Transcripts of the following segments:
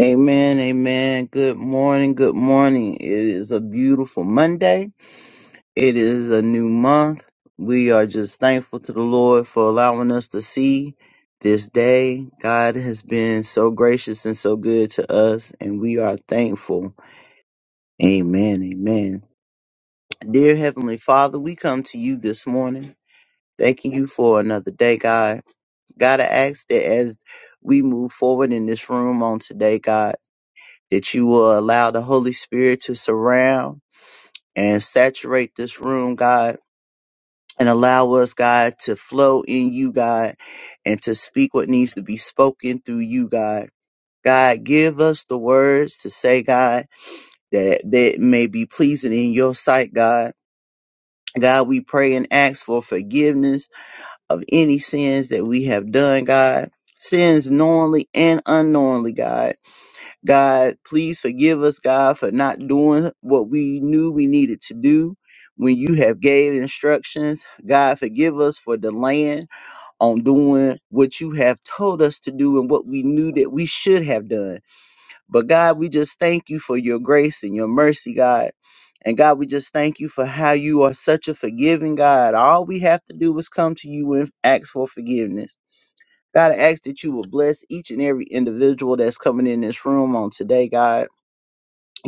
Amen, amen. Good morning, good morning. It is a beautiful Monday. It is a new month. We are just thankful to the Lord for allowing us to see this day. God has been so gracious and so good to us, and we are thankful. Amen, amen. Dear Heavenly Father, we come to you this morning, thanking you for another day, God. God, I ask that as we move forward in this room on today, God. that you will allow the Holy Spirit to surround and saturate this room, God, and allow us, God, to flow in you, God, and to speak what needs to be spoken through you, God. God, give us the words to say, God, that, that may be pleasing in your sight, God. God, we pray and ask for forgiveness of any sins that we have done, God. Sins knowingly and unknowingly, God God, please forgive us, God, for not doing what we knew we needed to do when you have gave instructions. God, forgive us for delaying on doing what you have told us to do and what we knew that we should have done. But God, we just thank you for your grace and your mercy, God. And God, we just thank you for how you are such a forgiving God. All we have to do is come to you and ask for forgiveness. God, I ask that you will bless each and every individual that's coming in this room on today, God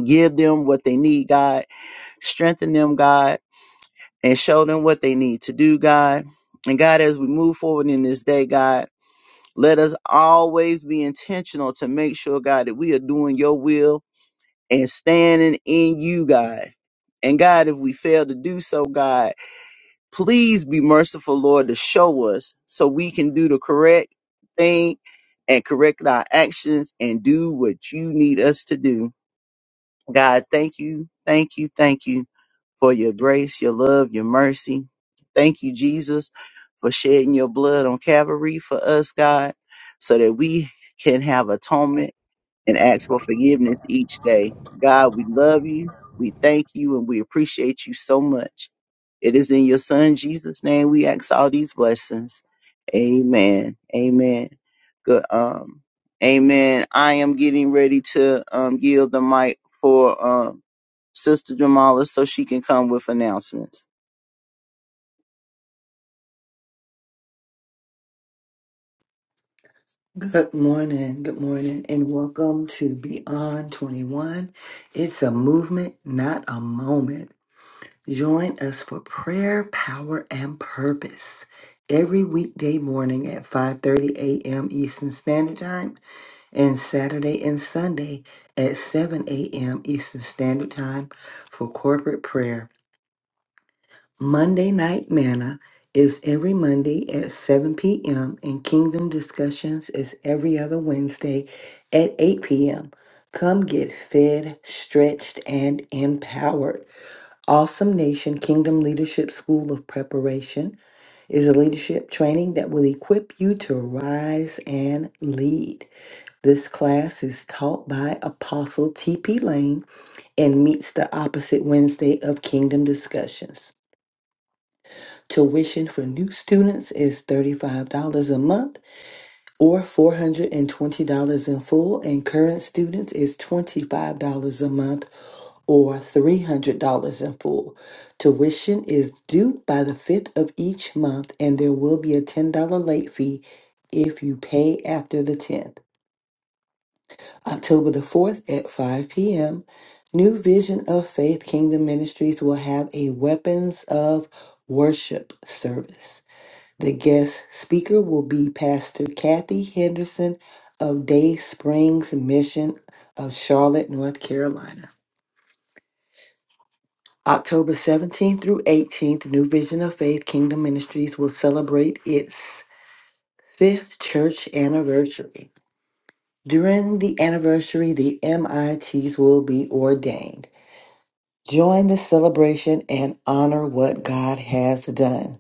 give them what they need, God. Strengthen them, God, and show them what they need to do, God. And God, as we move forward in this day, God, let us always be intentional to make sure, God, that we are doing your will and standing in you, God. And God, if we fail to do so, God, please be merciful, Lord, to show us so we can do the correct thing and correct our actions and do what you need us to do. God, thank you, thank you, thank you for your grace, your love, your mercy. Thank you, Jesus, for shedding your blood on Calvary for us, God, so that we can have atonement and ask for forgiveness each day. God, we love you. We thank you and we appreciate you so much. It is in your son Jesus' name we ask all these blessings. Amen. Amen. Good um Amen. I am getting ready to um yield the mic for um Sister Jamala so she can come with announcements. Good morning, good morning, and welcome to Beyond 21. It's a movement, not a moment. Join us for prayer, power, and purpose every weekday morning at 5:30 a.m. Eastern Standard Time and Saturday and Sunday at 7 a.m. Eastern Standard Time for corporate prayer. Monday Night Manna is every Monday at 7 p.m., and Kingdom Discussions is every other Wednesday at 8 p.m. Come get fed, stretched, and empowered. Awesome Nation Kingdom Leadership School of Preparation is a leadership training that will equip you to rise and lead. This class is taught by Apostle T.P. Lane and meets the opposite Wednesday of Kingdom Discussions. Tuition for new students is $35 a month or $420 in full, and current students is $25 a month or $300 in full. Tuition is due by the 5th of each month, and there will be a $10 late fee if you pay after the 10th. October the 4th at 5 p.m., New Vision of Faith Kingdom Ministries will have a Weapons of Worship service. The guest speaker will be Pastor Kathy Henderson of Day Springs Mission of Charlotte, North Carolina. October 17th through 18th, New Vision of Faith Kingdom Ministries will celebrate its fifth church anniversary. During the anniversary, the MITs will be ordained. Join the celebration and honor what God has done.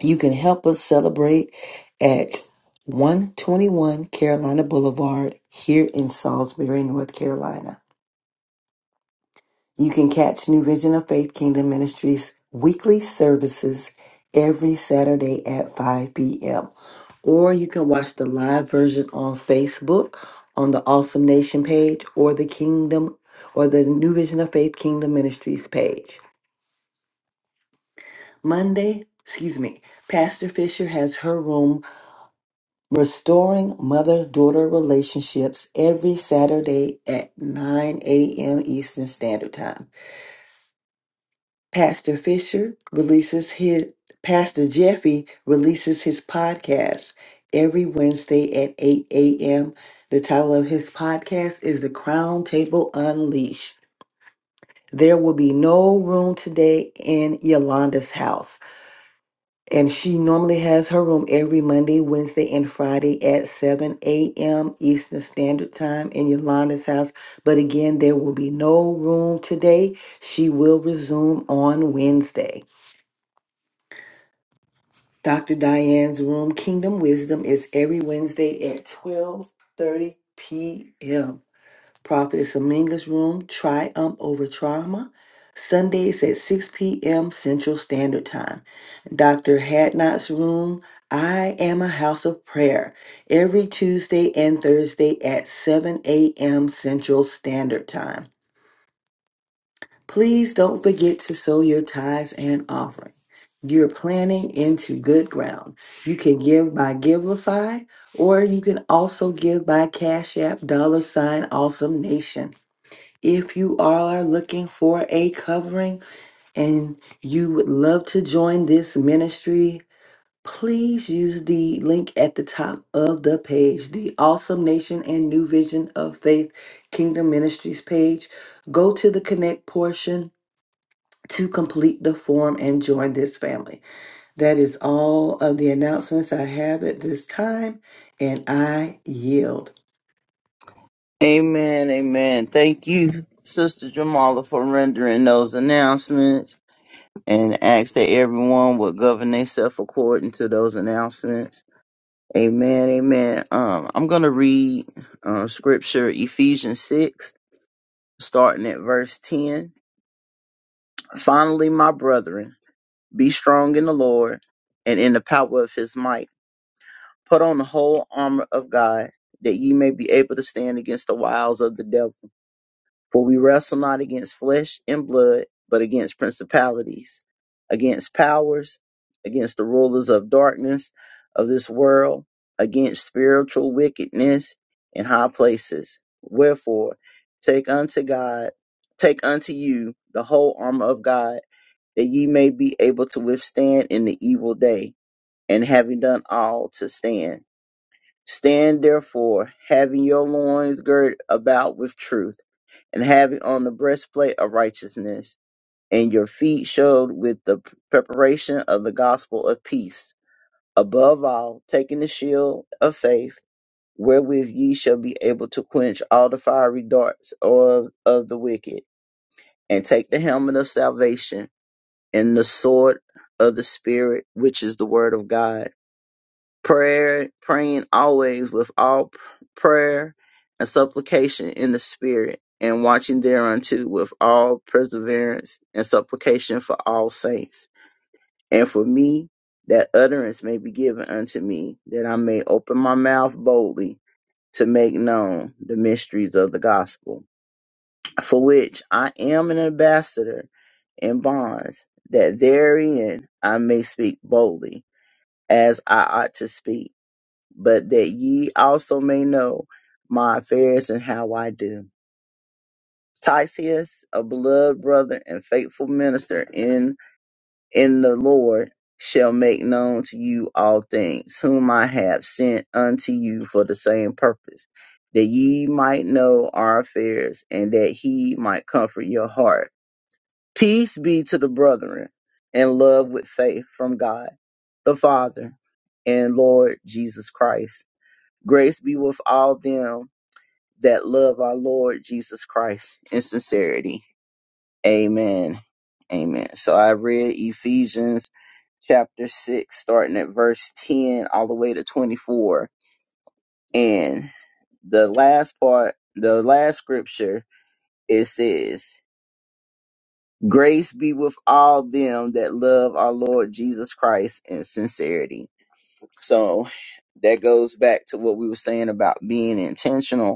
You can help us celebrate at 121 Carolina Boulevard here in Salisbury, North Carolina. You can catch New Vision of Faith Kingdom Ministries weekly services every Saturday at 5 p.m. Or you can watch the live version on Facebook on the Awesome Nation page or the Kingdom or the New Vision of Faith Kingdom Ministries page. Monday, excuse me, Pastor Fisher has her room Restoring Mother Daughter Relationships every Saturday at 9 a.m. Eastern Standard Time. Pastor Fisher releases his, Pastor Jeffy releases his podcast every Wednesday at 8 a.m. The title of his podcast is The Crown Table Unleashed. There will be no room today in Yolanda's house. And she normally has her room every Monday, Wednesday, and Friday at 7 a.m. Eastern Standard Time in Yolanda's house. But again, there will be no room today. She will resume on Wednesday. Dr. Diane's room, Kingdom Wisdom, is every Wednesday at 12:30 p.m. Prophetess Aminga's Room, Triumph Over Trauma, Sundays at 6 p.m. Central Standard Time. Dr. Hadnot's Room, I Am a House of Prayer, every Tuesday and Thursday at 7 a.m. Central Standard Time. Please don't forget to sow your tithes and offering. You're planting into good ground. You can give by Givelify, or you can also give by Cash App, dollar sign, awesome nation. If you all are looking for a covering and you would love to join this ministry, please use the link at the top of the page, the Awesome Nation and New Vision of Faith Kingdom Ministries page. Go to the connect portion to complete the form and join this family. That is all of the announcements I have at this time, and I yield. Amen. Amen. Thank you, Sister Jamala, for rendering those announcements and ask that everyone would govern themselves according to those announcements. Amen, amen. Um, I'm gonna read uh, scripture Ephesians six, starting at verse ten. Finally, my brethren, be strong in the Lord and in the power of His might. Put on the whole armor of God, that ye may be able to stand against the wiles of the devil. For we wrestle not against flesh and blood, but against principalities, against powers, against the rulers of darkness of this world, against spiritual wickedness in high places. Wherefore, take unto God, take unto you the whole armor of God, that ye may be able to withstand in the evil day, and having done all to stand. Stand therefore, having your loins girt about with truth and having on the breastplate of righteousness, and your feet shod with the preparation of the gospel of peace. Above all, taking the shield of faith, wherewith ye shall be able to quench all the fiery darts of, of the wicked, and take the helmet of salvation and the sword of the Spirit, which is the word of God prayer praying always with all p- prayer and supplication in the spirit and watching thereunto with all perseverance and supplication for all saints and for me that utterance may be given unto me that i may open my mouth boldly to make known the mysteries of the gospel for which i am an ambassador in bonds that therein i may speak boldly as i ought to speak but that ye also may know my affairs and how I do. Tychicus, a beloved brother and faithful minister in in the Lord, shall make known to you all things, whom I have sent unto you for the same purpose, that ye might know our affairs, and that he might comfort your heart. Peace be to the brethren, and love with faith from God, the Father, and Lord Jesus Christ. Grace be with all them that love our Lord Jesus Christ in sincerity. Amen. Amen. So I read Ephesians chapter 6, starting at verse 10 all the way to 24. And the last part, the last scripture, it says, Grace be with all them that love our Lord Jesus Christ in sincerity. So that goes back to what we were saying about being intentional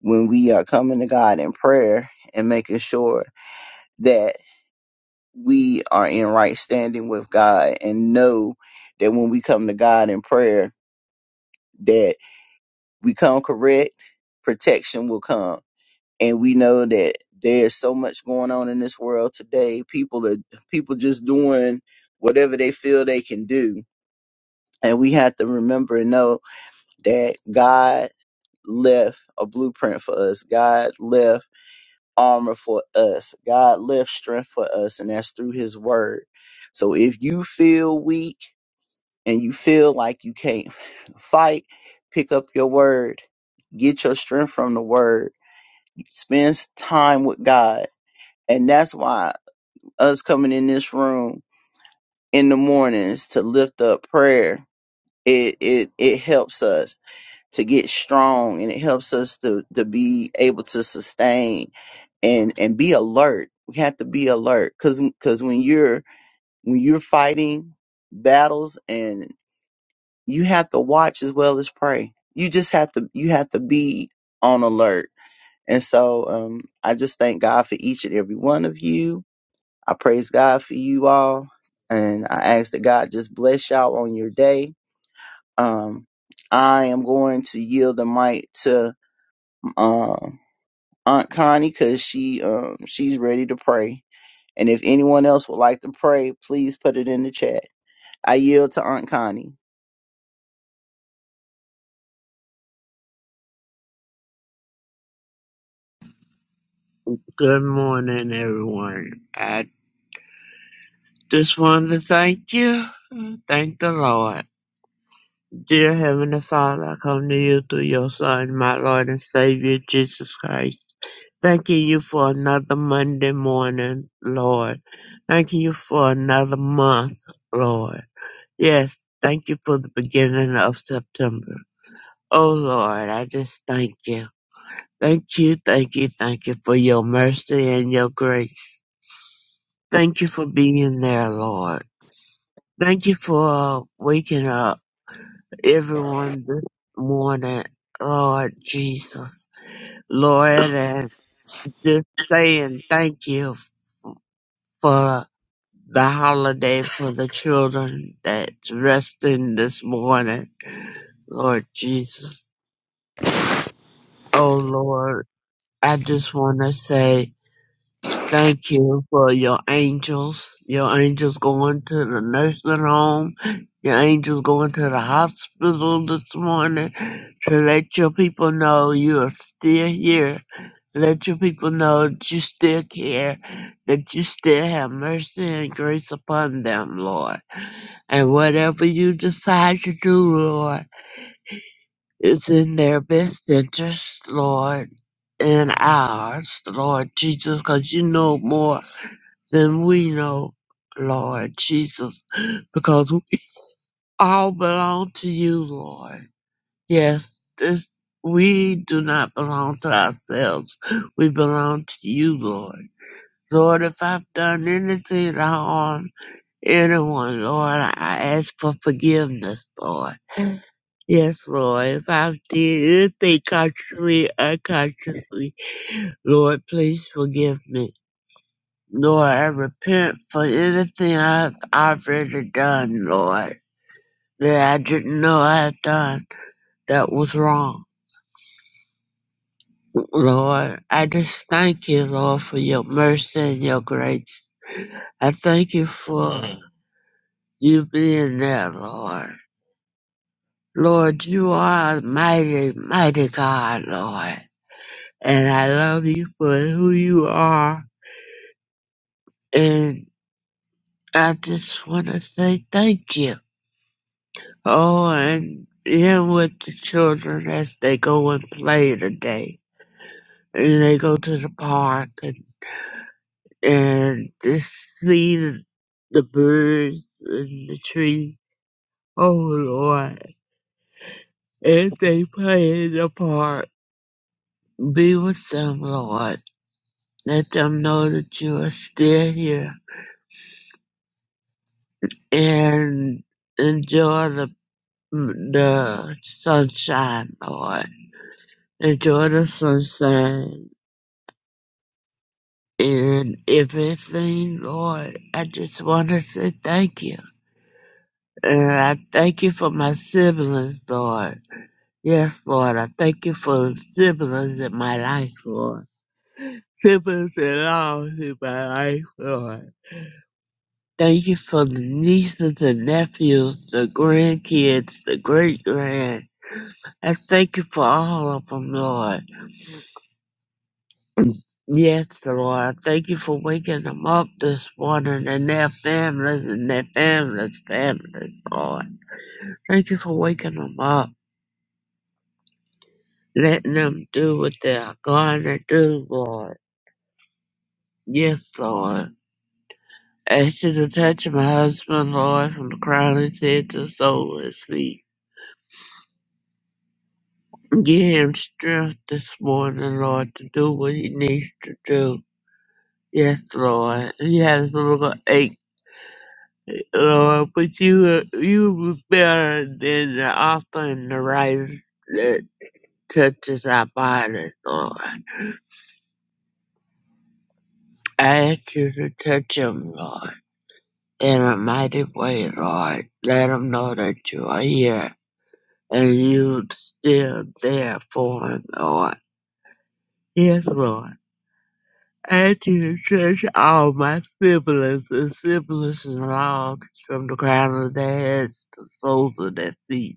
when we are coming to God in prayer and making sure that we are in right standing with God and know that when we come to God in prayer that we come correct, protection will come. And we know that there's so much going on in this world today. People are people just doing whatever they feel they can do. And we have to remember and know that God left a blueprint for us. God left armor for us. God left strength for us, and that's through His Word. So if you feel weak and you feel like you can't fight, pick up your Word, get your strength from the Word, spend time with God. And that's why us coming in this room in the mornings to lift up prayer, it, it, it helps us to get strong and it helps us to to be able to sustain and and be alert we have to be alert cuz cuz when you're when you're fighting battles and you have to watch as well as pray you just have to you have to be on alert and so um i just thank God for each and every one of you i praise God for you all and i ask that God just bless y'all on your day um I am going to yield the mic to um, Aunt Connie because she um, she's ready to pray. And if anyone else would like to pray, please put it in the chat. I yield to Aunt Connie. Good morning, everyone. I just wanted to thank you. Thank the Lord. Dear Heavenly Father, I come to you through your Son, my Lord and Savior, Jesus Christ. Thanking you for another Monday morning, Lord. Thanking you for another month, Lord. Yes, thank you for the beginning of September. Oh, Lord, I just thank you. Thank you, thank you, thank you for your mercy and your grace. Thank you for being there, Lord. Thank you for waking up everyone this morning, Lord Jesus. Lord, and just saying thank you for the holiday for the children that's resting this morning, Lord Jesus. Oh Lord, I just want to say Thank you for your angels. Your angels going to the nursing home. Your angels going to the hospital this morning to let your people know you are still here. Let your people know that you still care, that you still have mercy and grace upon them, Lord. And whatever you decide to do, Lord, is in their best interest, Lord, and ours, Lord Jesus, because you know more then we know, Lord Jesus, because we all belong to you, Lord. Yes, this we do not belong to ourselves. We belong to you, Lord. Lord, if I've done anything to harm anyone, Lord, I ask for forgiveness, Lord. Yes, Lord, if I've did anything consciously, unconsciously, Lord, please forgive me. Lord, I repent for anything I've already done, Lord, that I didn't know I had done that was wrong. Lord, I just thank you, Lord, for your mercy and your grace. I thank you for you being there, Lord. Lord, you are a mighty, mighty God, Lord. And I love you for who you are. And I just want to say thank you. Oh, and him with the children as they go and play today. And they go to the park and, and just see the, the birds and the trees. Oh, Lord. If they play in the park, be with them, Lord. Let them know that you are still here and enjoy the, the sunshine, Lord. Enjoy the sunshine And if anything, Lord, I just want to say thank you. And I thank you for my siblings, Lord. Yes, Lord, I thank you for siblings in my life, Lord. Siblings and all in my life, Lord. Thank you for the nieces and nephews, the grandkids, the great grand. I thank you for all of them, Lord. Yes, Lord. Thank you for waking them up this morning and their families and their families' families, Lord. Thank you for waking them up, letting them do what they're going to do, Lord. Yes, Lord. Ask you to touch my husband, Lord, from the crown of his head to the sole of his feet. Give him strength this morning, Lord, to do what he needs to do. Yes, Lord. He has a little ache Lord, but you uh, you were better than the offering the rice that touches our bodies, Lord. I ask you to touch them, Lord, in a mighty way, Lord. Let them know that you are here and you still there for them, Lord. Yes, Lord. I ask you to touch all my siblings and siblings and all from the crown of their heads to the soles of their feet.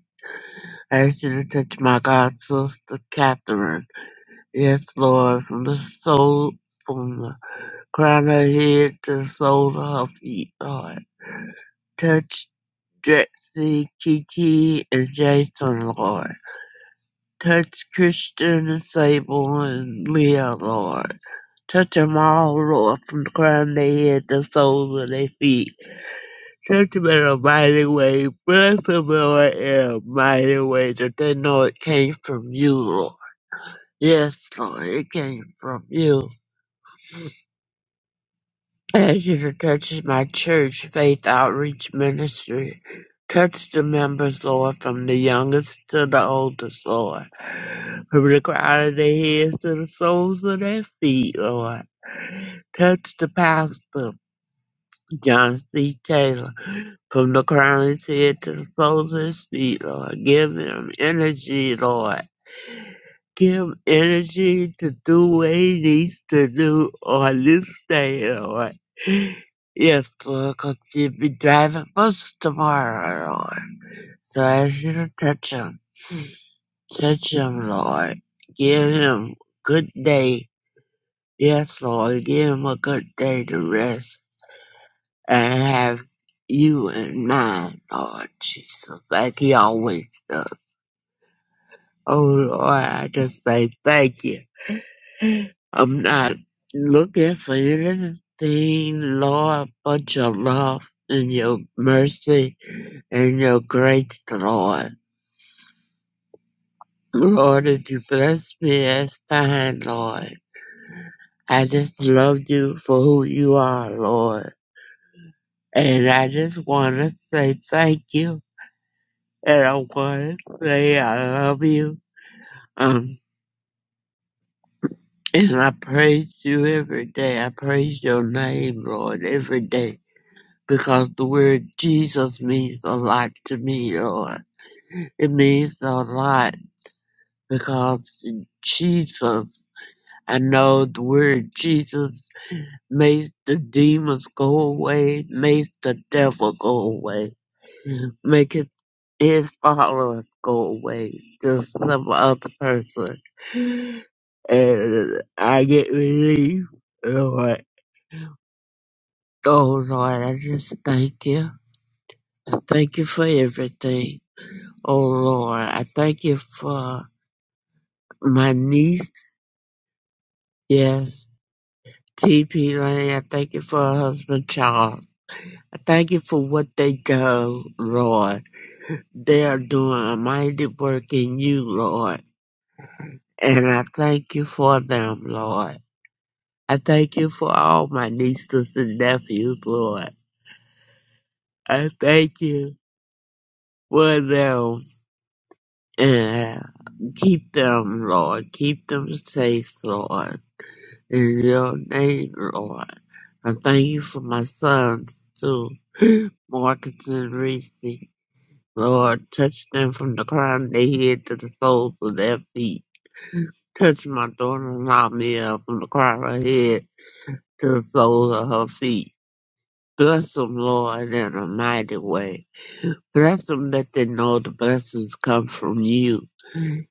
Ask you to touch my god sister Catherine. Yes, Lord, from the soul, from the crown of her head to the sole of her feet, Lord. Touch Drexy, Kiki, and Jason, Lord. Touch Christian and Sable and Leah, Lord. Touch them all, Lord, from the crown of their head to the soles of their feet. Touch them in a mighty way. Bless them, Lord, in a mighty way that they know it came from you, Lord. Yes, God, it came from you. Thank you for touching my church faith outreach ministry. Touch the members, Lord, from the youngest to the oldest, Lord. From the crown of their heads to the soles of their feet, Lord. Touch the pastor, John C. Taylor, from the crown of his head to the soles of his feet, Lord. Give him energy, Lord. give energy to do what he needs to do on this day and on. Yes, Lord, 'cause you'll be driving bus tomorrow, Lord. So I should touch him. Touch him, Lord. Give him a good day. Yes, Lord, give him a good day to rest and have you in mind, Lord Jesus, like he always does. Oh, Lord, I just say thank you. I'm not looking for anything, Lord, but your love and your mercy and your grace, Lord. Lord, if you bless me, that's fine, Lord. I just love you for who you are, Lord. And I just want to say thank you. And I want to say I love you. Um, and I praise you every day. I praise your name, Lord, every day. because the word Jesus means a lot to me, Lord. It means a lot because Jesus, I know the word Jesus makes the demons go away, makes the devil go away, makes his his followers go away, just some other person. And I get relief, Lord. Oh Lord, I just thank you. I Thank you for everything. Oh Lord, I thank you for my niece. Yes, TP Lane. I thank you for her husband Charles. I thank you for what they do, Lord. They are doing a mighty work in you, Lord. And I thank you for them, Lord. I thank you for all my nieces and nephews, Lord. I thank you for them. And keep them, Lord. Keep them safe, Lord. in your name, Lord. I thank you for my sons, too, Marcus and Reese. Lord, touch them from the crown of their head to the soles of their feet. Touch my daughter Lamia from the crown of her head to the soles of her feet. Bless them, Lord, in a mighty way. Bless them that they know the blessings come from you.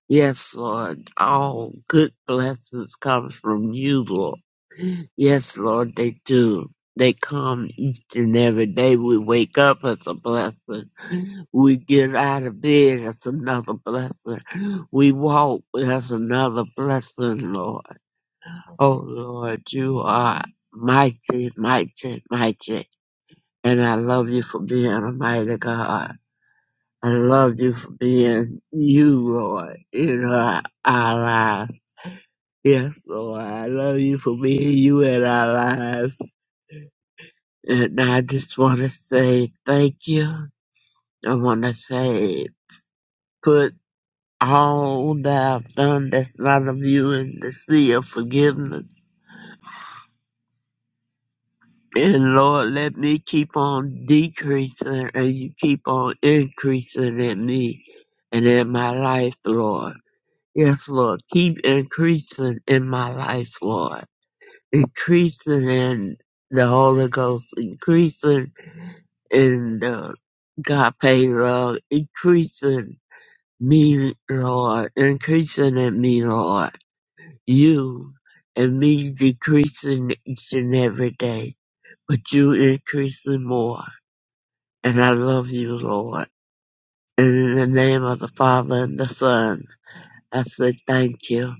Yes, Lord, all good blessings come from you, Lord. Yes, Lord, they do. They come each and every day. We wake up, it's a blessing. We get out of bed, it's another blessing. We walk, that's another blessing, Lord. Oh, Lord, you are mighty, mighty, mighty. And I love you for being a mighty God. I love you for being you, Lord, in our, our lives. Yes, Lord, I love you for being you in our lives. And I just want to say thank you. I want to say put all that I've done that's not of you in the sea of forgiveness. And Lord, let me keep on decreasing and you keep on increasing in me and in my life, Lord. Yes, Lord. Keep increasing in my life, Lord. Increasing in the Holy Ghost. Increasing in the God pay love. Increasing me, Lord, increasing in me, Lord, you and me decreasing each and every day, but you increasing more. And I love you, Lord. And in the name of the Father and the Son, I say thank you.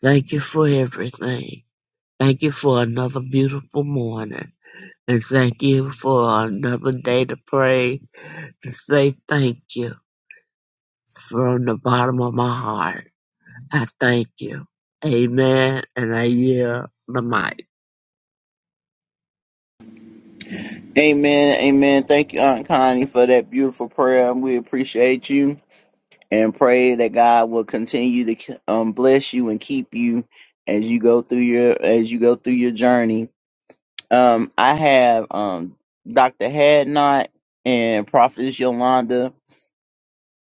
Thank you for everything. Thank you for another beautiful morning. And thank you for another day to pray, to say thank you from the bottom of my heart. I thank you. Amen. And I yield the mic. Amen. Amen. Thank you, Aunt Connie, for that beautiful prayer. We appreciate you and pray that God will continue to um, bless you and keep you as you go through your as you go through your journey. Um, I have um, Dr. Hadnot and Prophetess Yolanda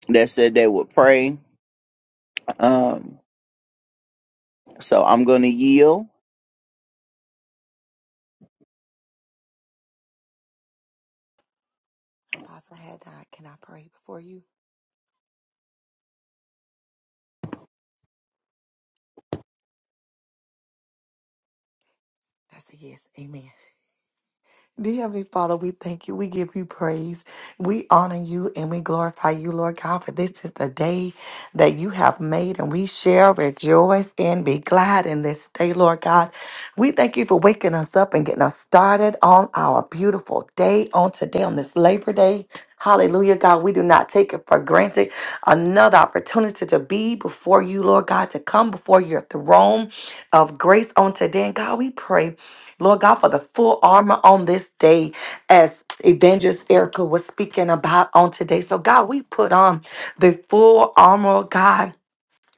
that said they would pray. Um, So I'm going to yield. Apostle had died. Can I pray before you? I said, Yes, amen. Dear Heavenly Father, we thank you. We give you praise. We honor you and we glorify you, Lord God, for this is the day that you have made, and we shall rejoice and be glad in this day, Lord God. We thank you for waking us up and getting us started on our beautiful day on today, on this Labor Day. Hallelujah, God. We do not take it for granted. Another opportunity to be before you, Lord God, to come before your throne of grace on today. And God, we pray, Lord God, for the full armor on this day as Evangelist Erica was speaking about on today. So, God, we put on the full armor, God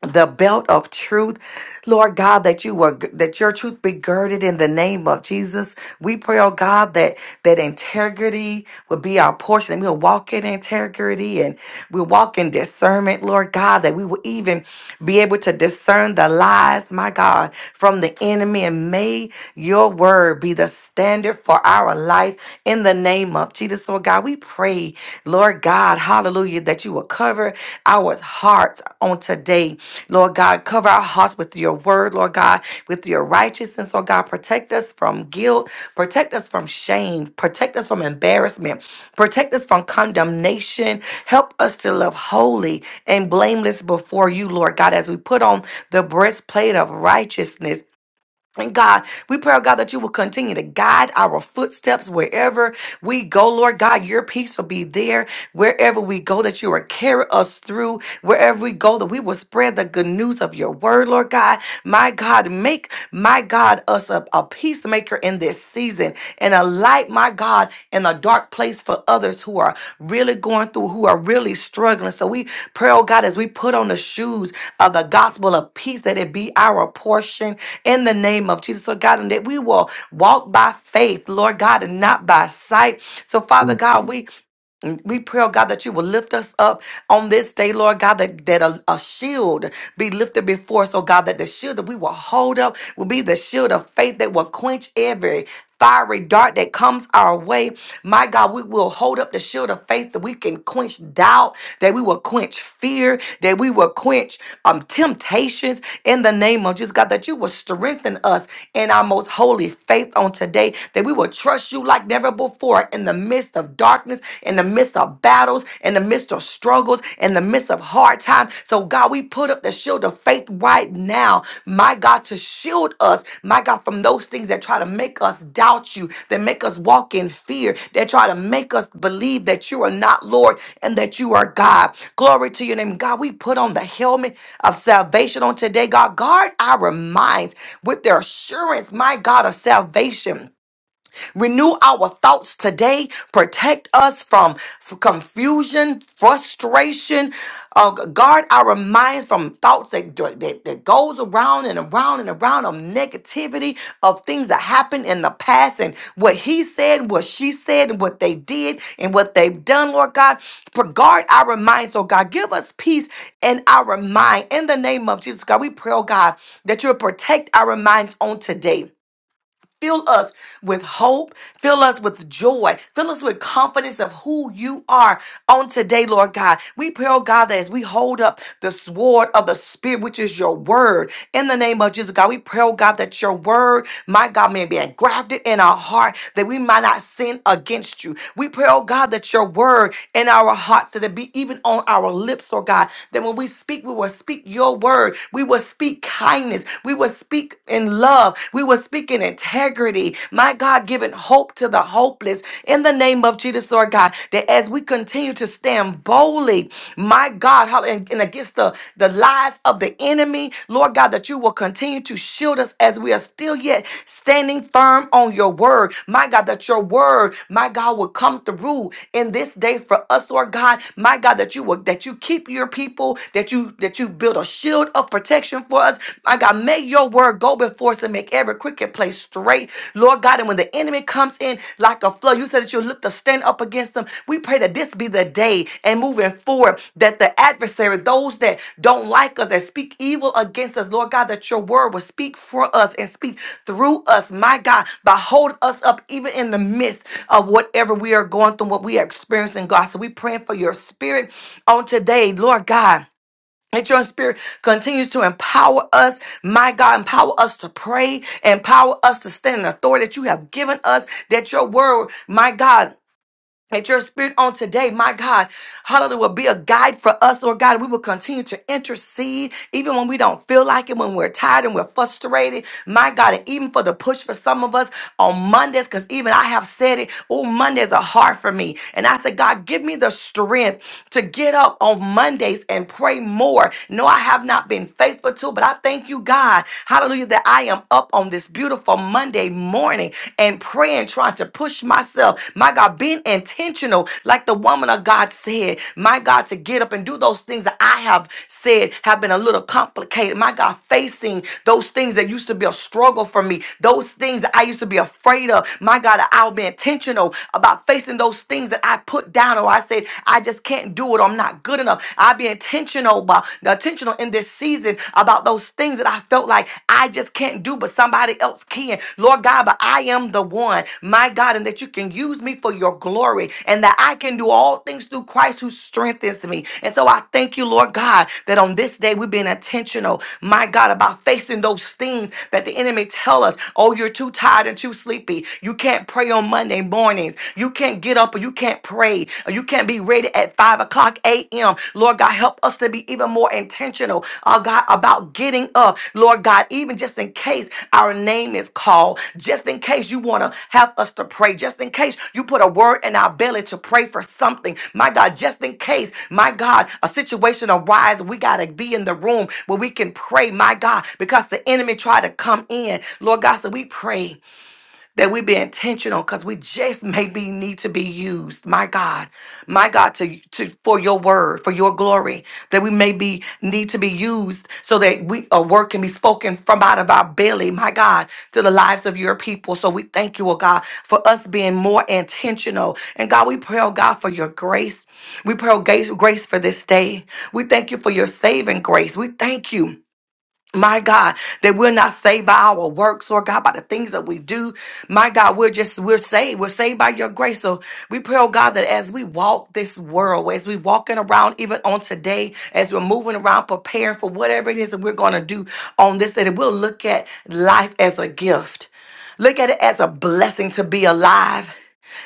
the belt of truth, Lord God, that you were that your truth be girded in the name of Jesus. We pray, oh God, that that integrity would be our portion. And we'll walk in integrity and we'll walk in discernment, Lord God, that we will even be able to discern the lies, my God, from the enemy. And may your word be the standard for our life in the name of Jesus. Lord God, we pray, Lord God, hallelujah, that you will cover our hearts on today. Lord God, cover our hearts with your word, Lord God, with your righteousness, Lord God. Protect us from guilt, protect us from shame, protect us from embarrassment, protect us from condemnation. Help us to live holy and blameless before you, Lord God, as we put on the breastplate of righteousness and God, we pray, oh God, that you will continue to guide our footsteps wherever we go, Lord God. Your peace will be there wherever we go, that you will carry us through wherever we go, that we will spread the good news of your word, Lord God. My God, make, my God, us a, a peacemaker in this season season and a light, my God, in a dark place for others who are really going through, who are really struggling. So we pray, oh God, as we put on the shoes of the gospel of peace, that it be our portion in the name of Jesus. So God, and that we will walk by faith, Lord God, and not by sight. So Father God, we and We pray, oh God, that you will lift us up on this day, Lord God, that, that a, a shield be lifted before us, oh God, that the shield that we will hold up will be the shield of faith that will quench every fiery dart that comes our way. My God, we will hold up the shield of faith that we can quench doubt, that we will quench fear, that we will quench um, temptations in the name of Jesus, God, that you will strengthen us in our most holy faith on today, that we will trust you like never before forth in the midst of darkness, in the midst of battles, in the midst of struggles, in the midst of hard times. So, God, we put up the shield of faith right now, my God, to shield us, my God, from those things that try to make us doubt you, that make us walk in fear, that try to make us believe that you are not Lord and that you are God. Glory to your name. God, we put on the helmet of salvation on today. God, guard our minds with the assurance, my God, of salvation Renew our thoughts today. Protect us from f- confusion, frustration. Uh, guard our minds from thoughts that, that, that goes around and around and around of negativity of things that happened in the past and what he said, what she said, and what they did and what they've done, Lord God. Pro- Guard our minds, oh God. Give us peace in our mind. In the name of Jesus, God, we pray, oh God, that you'll protect our minds on today Fill us with hope. Fill us with joy. Fill us with confidence of who you are on today, Lord God. We pray, oh God, that as we hold up the sword of the Spirit, which is your word, in the name of Jesus, God, we pray, oh God, that your word, my God, may be engrafted in our heart that we might not sin against you. We pray, oh God, that your word in our hearts, that it be even on our lips, oh God, that when we speak, we will speak your word. We will speak kindness. We will speak speak in love. We will speak in integrity. My God, giving hope to the hopeless in the name of Jesus, Lord God, that as we continue to stand boldly, my God, how- and, and against the, the lies of the enemy, Lord God, that you will continue to shield us as we are still yet standing firm on your word. My God, that your word, my God, will come through in this day for us, Lord God. My God, that you will that you keep your people, that you that you build a shield of protection protection for us. My God, may your word go before us and make every crooked place straight. Lord God, and when the enemy comes in like a flood, you said that you look to stand up against them. We pray that this be the day and moving forward that the adversary, those that don't like us, that speak evil against us, Lord God, that your word will speak for us and speak through us, my God, by holding us up even in the midst of whatever we are going through, what we are experiencing, God. So we praying for your spirit on today, Lord God that your spirit continues to empower us, my God, empower us to pray, empower us to stand in authority that you have given us, that your word, my God, that your spirit on today, my God, hallelujah, will be a guide for us, Lord God. We will continue to intercede even when we don't feel like it, when we're tired and we're frustrated, my God, and even for the push for some of us on Mondays, because even I have said it, oh, Mondays are hard for me. And I said, God, give me the strength to get up on Mondays and pray more. No, I have not been faithful to, but I thank you, God, hallelujah, that I am up on this beautiful for Monday morning and praying, trying to push myself. My God, being intentional, like the woman of God said, my God, to get up and do those things that I have said have been a little complicated. My God, facing those things that used to be a struggle for me, those things that I used to be afraid of. My God, I'll be intentional about facing those things that I put down or I said, I just can't do it or I'm not good enough. I'll be intentional about intentional intentional in this season about those things that I felt like I just can't do, but somebody else can. Lord God, but I am the one, my God, and that you can use me for your glory and that I can do all things through Christ who strengthens me. And so I thank you, Lord God, that on this day we've been intentional, my God, about facing those things that the enemy tell us, oh, you're too tired and too sleepy. You can't pray on Monday mornings. You can't get up or you can't pray ready. You can't be ready at 5 o'clock a.m. Lord God, help us to be even more intentional, oh God, about getting up. Lord God, even just in case our name is called, just in case you want to have us to pray, just in case you put a word in our belly to pray for something. My God, just in case, my God, a situation arises, we got to be in the room where we can pray, my God, because the enemy tried to come in. Lord God, so we pray that we be intentional because we just maybe need to be used, my God, my God, to, to for your word, for your glory, that we may be need to be used so that we a word can be spoken from out of our belly, my God, to the lives of your people. So we thank you, oh God, for us being more intentional. And God, we pray, oh God, for your grace. We pray oh, grace grace for this day. We thank you for your saving grace. We thank you. My God, that we're not saved by our works or God by the things that we do. My God, we're just we're saved. We're saved by your grace. So we pray, oh God, that as we walk this world, as we walking around even on today, as we're moving around preparing for whatever it is that we're going to do on this day, that we'll look at life as a gift. Look at it as a blessing to be alive.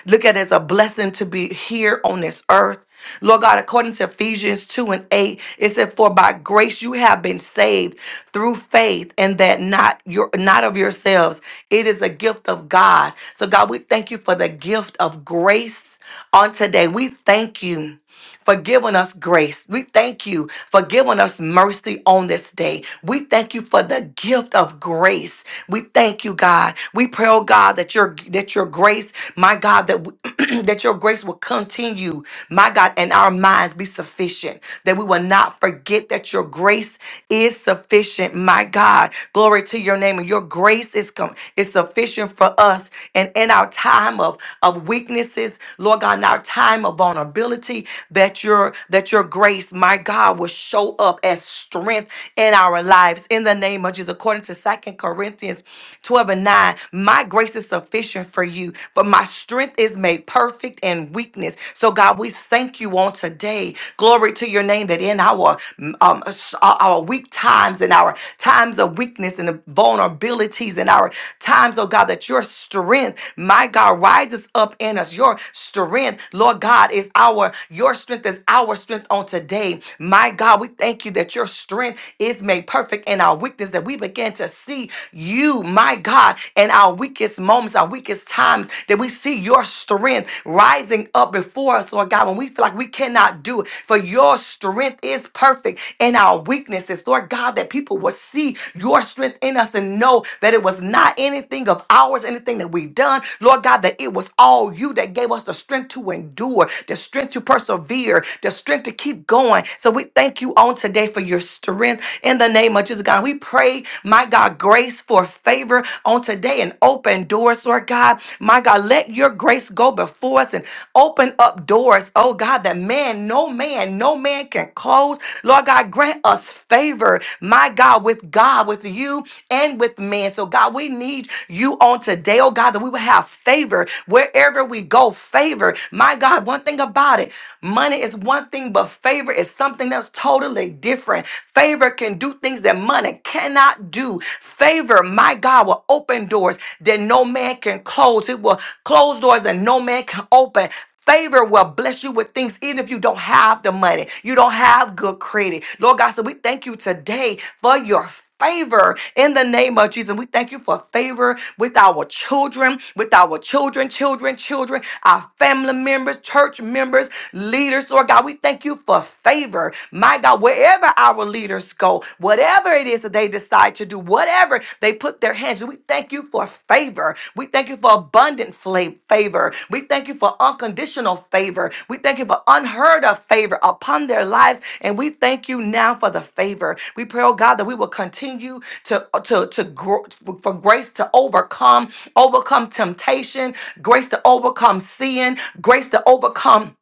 Look at it as a blessing to be here on this earth. Lord God, according to Ephesians 2 and 8, it said, For by grace you have been saved through faith, and that not your not of yourselves. It is a gift of God. So God, we thank you for the gift of grace on today. We thank you for giving us grace. We thank you for giving us mercy on this day. We thank you for the gift of grace. We thank you, God. We pray, oh God, that your that your grace, my God, that we, that your grace will continue, my God, and our minds be sufficient. That we will not forget that your grace is sufficient, my God. Glory to your name, and your grace is come is sufficient for us. And in our time of of weaknesses, Lord God, in our time of vulnerability, that your that your grace, my God, will show up as strength in our lives in the name of Jesus. According to Second Corinthians 12 and 9, my grace is sufficient for you, for my strength is made perfect in weakness. So God, we thank you on today. Glory to your name that in our um, s- our our weak times and our times of weakness and the vulnerabilities and our times, oh God, that your strength, my God, rises up in us. Your strength, Lord God, is our your your strength is our strength on today. My God, we thank you that your strength is made perfect in our weakness, that we begin to see you, my God, in our weakest moments, our weakest times, that we see your strength rising up before us, Lord God, when we feel like we cannot do it. For your strength is perfect in our weaknesses, Lord God, that people will see your strength in us and know that it was not anything of ours, anything that we have done, Lord God, that it was all you that gave us the strength to endure, the strength to persevere persevere, the strength to keep going. So we thank you on today for your strength in the name of Jesus, God. We pray, my God, grace for favor on today and open doors, Lord God. My God, let your grace go before us and open up doors, oh God, that man, no man, no man can close. Lord God, grant us favor, my God, with God, with you, and with man. So, God, we need you on today, oh God, that we will have favor wherever we go. Favor, my God, one thing about it different. Money is one thing, but favor is something else totally different. Favor can do things that money cannot do. Favor, my God, will open doors that no man can close. It will close doors that no man can open. Favor will bless you with things even if you don't have the money. You don't have good credit. Lord God, so we thank you today for your favor in the name of Jesus. We thank you for favor with our children, with our children, children, children, our family members, church members, leaders, Lord God. We thank you for favor. My God, wherever our leaders go, whatever it is that they decide to do, whatever they put their hands to, we thank you for favor. We thank you for abundant fla- favor. We thank you for unconditional favor. We thank you for unheard of favor upon their lives. And we thank you now for the favor. We pray, oh God, that we will continue to, uh, to, to grow for grace to overcome, overcome temptation, grace to overcome sin, grace to overcome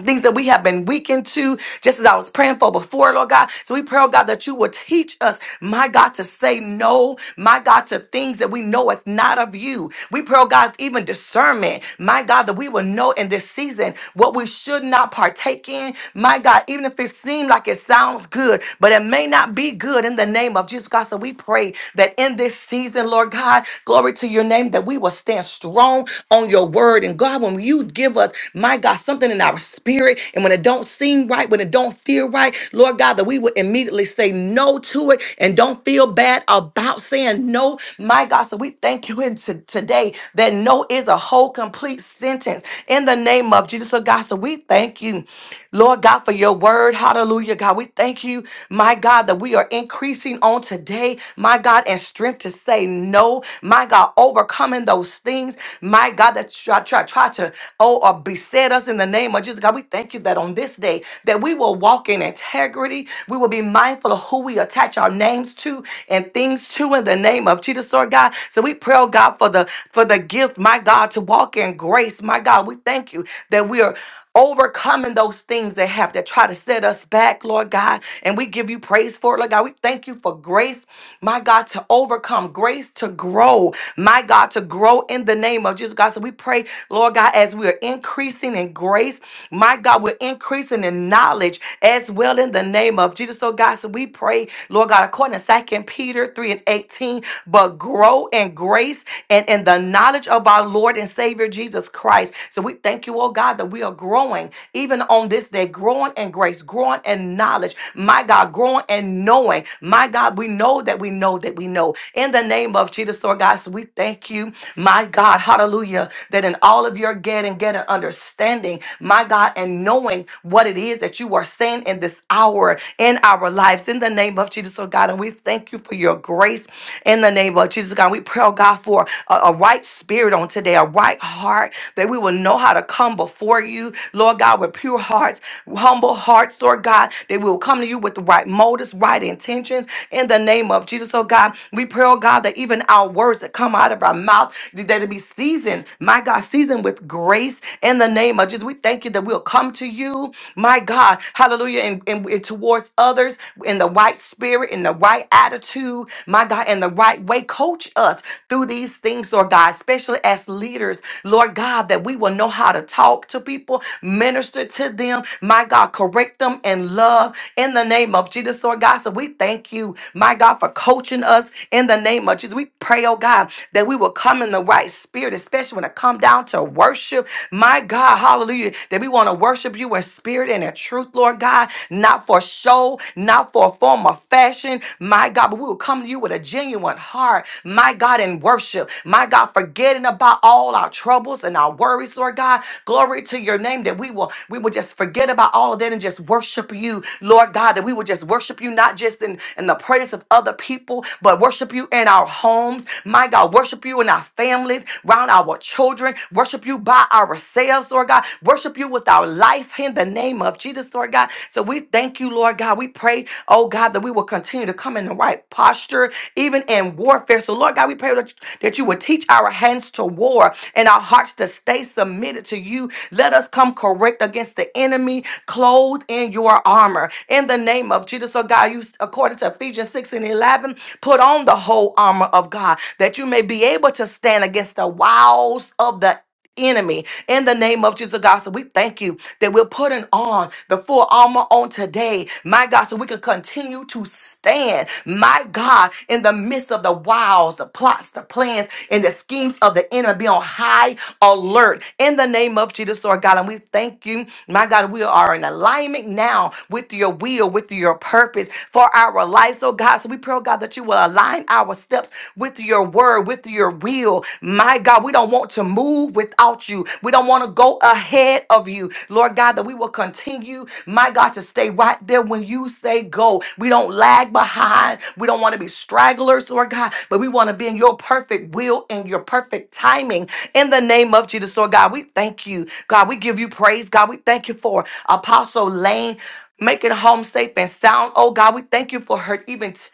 things that we have been weakened to, just as I was praying for before, Lord God. So we pray, oh God, that you will teach us, my God, to say no, my God, to things that we know is not of you. We pray, oh God, even discernment, my God, that we will know in this season what we should not partake in, my God, even if it seems like it sounds good, but it may not be good in the name of Jesus, God. So we pray that in this season, Lord God, glory to your name, that we will stand strong on your word. And God, when you give us, my God, God, something in our spirit. And when it don't seem right, when it don't feel right, Lord God, that we would immediately say no to it and don't feel bad about saying no. My God, so we thank you in to- today that no is a whole complete sentence in the name of Jesus. So God, so we thank you. Lord God, for your word. Hallelujah, God. We thank you, my God, that we are increasing on today, my God, and strength to say no, my God, overcoming those things, my God, that try, try, try to, oh, or beset us in the name of Jesus. God, we thank you that on this day, that we will walk in integrity. We will be mindful of who we attach our names to and things to in the name of Jesus, Lord God. So we pray, oh God, for the for the gift, my God, to walk in grace. My God, we thank you that we are overcoming those things that have that try to set us back, Lord God. And we give you praise for it, Lord God. We thank you for grace, my God, to overcome, grace to grow, my God, to grow in the name of Jesus, God. So we pray, Lord God, as we are increasing in grace, my God, we're increasing in knowledge as well in the name of Jesus. So, God, so we pray, Lord God, according to Second Peter 3 and 18, but grow in grace and in the knowledge of our Lord and Savior. Savior Jesus Christ. So we thank you, oh God, that we are growing even on this day, growing in grace, growing in knowledge. My God, growing and knowing. My God, we know that we know that we know. In the name of Jesus, Lord God, so we thank you, my God, hallelujah, that in all of your getting, get an understanding, my God, and knowing what it is that you are saying in this hour in our lives. In the name of Jesus, oh God, and we thank you for your grace in the name of Jesus, God we pray, oh God, for a, a right spirit on today, a right heart, that we will know how to come before you, Lord God, with pure hearts, humble hearts, Lord God, that we will come to you with the right motives, right intentions, in the name of Jesus, oh God. We pray, oh God, that even our words that come out of our mouth, that it be seasoned, my God, seasoned with grace in the name of Jesus. We thank you that we'll come to you, my God, hallelujah, and, and, and towards others in the right spirit, in the right right attitude, my God, in the right way. Coach us through these things, Lord God, especially as leaders, Lord God, that we will know how to talk to people, minister to them, my God, correct them in love in the name of Jesus, Lord God. So we thank you, my God, for coaching us in the name of Jesus. We pray, oh God, that we will come in the right spirit, especially when it come down to worship. My God, hallelujah, that we want to worship you in spirit and in truth, Lord God, not not for show, not for form or fashion, my God, but we will come to you with a genuine heart, my God, in worship, my God, forgetting about all our troubles and our worries, Lord God. Glory to your name that we will we will just forget about all of that and just worship you, Lord God, that we will just worship you not just in, in the presence of other people, but worship you in our homes, my God, worship you in our families, around our children, worship you by ourselves, Lord God, worship you with our with our life in the name of Jesus, Lord God. So we thank you, Lord God. We pray, oh God, that we will continue to come in the right posture, even in warfare. So, Lord God, we pray that that you would teach our hands to war and our hearts to stay submitted to you. Let us come correct against the enemy, clothed in your armor. In the name of Jesus, oh God, you according to Ephesians 6 and 11, put on the whole armor of God that you may be able to stand against the wiles of the enemy in the name of Jesus, God. So we thank you that we're putting on the full armor on today, my God, so we can continue to stand, my God, in the midst of the wiles, the plots, the plans, and the schemes of the enemy. Be on high alert in the name of Jesus, Lord God. And we thank you, my God, we are in alignment now with your will, with your purpose for our lives, oh God. So we pray, oh God, that you will align our steps with your word word, with your will. My God, we don't want to move without you. We don't want to go ahead of you. Lord God, that we will continue, my God, to stay right there when you say go. We don't lag behind. We don't want to be stragglers, Lord God, but we want to be in your perfect will and your perfect timing in the name of Jesus. Lord God, we thank you. God, we give you praise. God, we thank you for Apostle Lane. Making home safe and sound. Oh God, we thank you for her even t-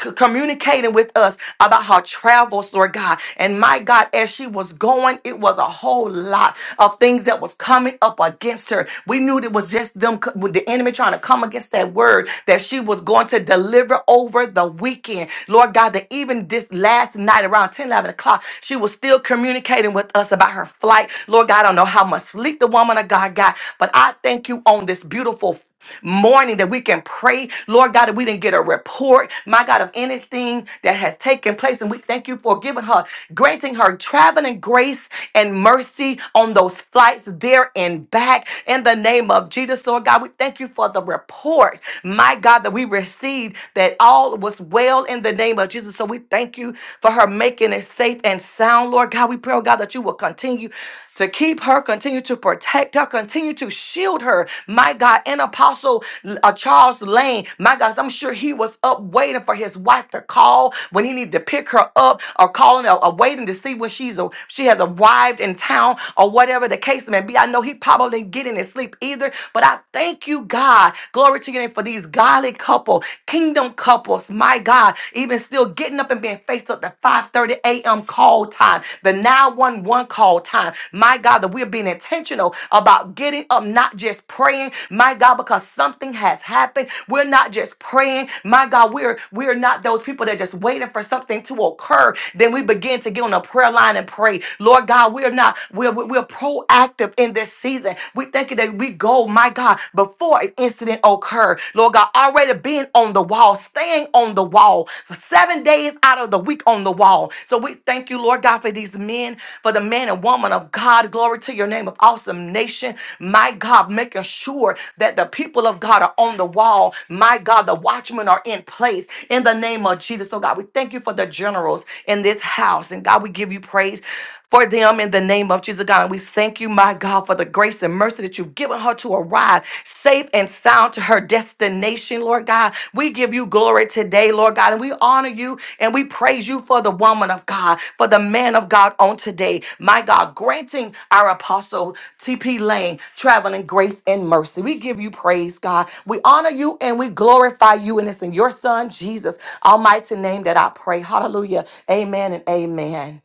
c- communicating with us about her travels, Lord God. And my God, as she was going, it was a whole lot of things that was coming up against her. We knew it was just them, co- with the enemy trying to come against that word that she was going to deliver over the weekend. Lord God, that even this last night around 10 11 o'clock, she was still communicating with us about her flight. Lord God, I don't know how much sleep the woman of God got, but I thank you on this beautiful morning that we can pray, Lord God, that we didn't get a report, my God, of anything that has taken place. And we thank you for giving her, granting her traveling grace and mercy on those flights there and back in the name of Jesus. Lord God, we thank you for the report, my God, that we received that all was well in the name of Jesus. So we thank you for her making it safe and sound, Lord God. We pray, oh God, that you will continue to keep her, continue to protect her, continue to shield her my God, and Apostle uh, Charles Lane, my God, I'm sure he was up waiting for his wife to call when he needed to pick her up or calling or, or waiting to see when she's a, she has arrived in town or whatever the case may be. I know he probably didn't get any sleep either, but I thank you, God. Glory to your name for these godly couple, kingdom couples, my God, even still getting up and being faithful at the 5:30 a.m. call time, the 911 call time. My God, that we're being intentional about getting up not just praying, my God, because something has happened. We're not just praying, my God. We're we're not those people that are just waiting for something to occur. Then we begin to get on a prayer line and pray. Lord God, we're not we're we're we're proactive in this season. We thank you that we go, my God, before an incident occurred. Lord God, already being on the wall, staying on the wall for seven days out of the week on the wall. So we thank you, Lord God, for these men, for the man and woman of God. Glory to your name of awesome nation intercession. My God, making sure that the people of God are on the wall. My God, the watchmen are in place in the name of Jesus. So, God, we thank you for the generals in this house. And God, we give you praise for them in the name of Jesus, God. And we thank you, my God, for the grace and mercy that you've given her to arrive safe and sound to her destination, Lord God. We give you glory today, Lord God, and we honor you and we praise you for the woman of God, for the man of God on today, my God, granting our apostle TP Lane, traveling grace and mercy. We give you praise, God. We honor you and we glorify you. And it's in your son, Jesus, almighty name that I pray. Hallelujah. Amen and amen.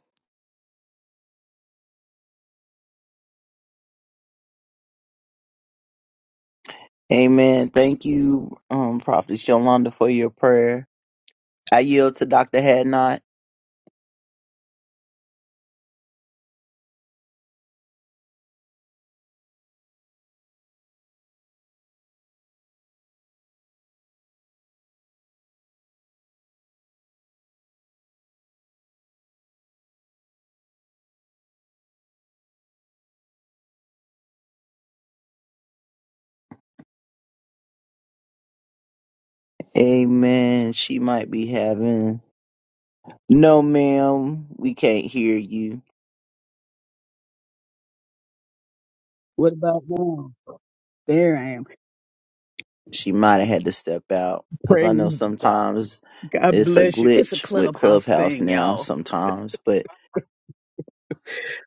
Amen. Thank you, um, Prophet Yolanda, for your prayer. I yield to Dr. Hadnot. Amen. She might be having. No, ma'am, we can't hear you. What about now? There I am. She might have had to step out because Praise I know God. sometimes God it's a bless you. It's a glitch with clubhouse Clubhouse thing, now, y'all. sometimes, but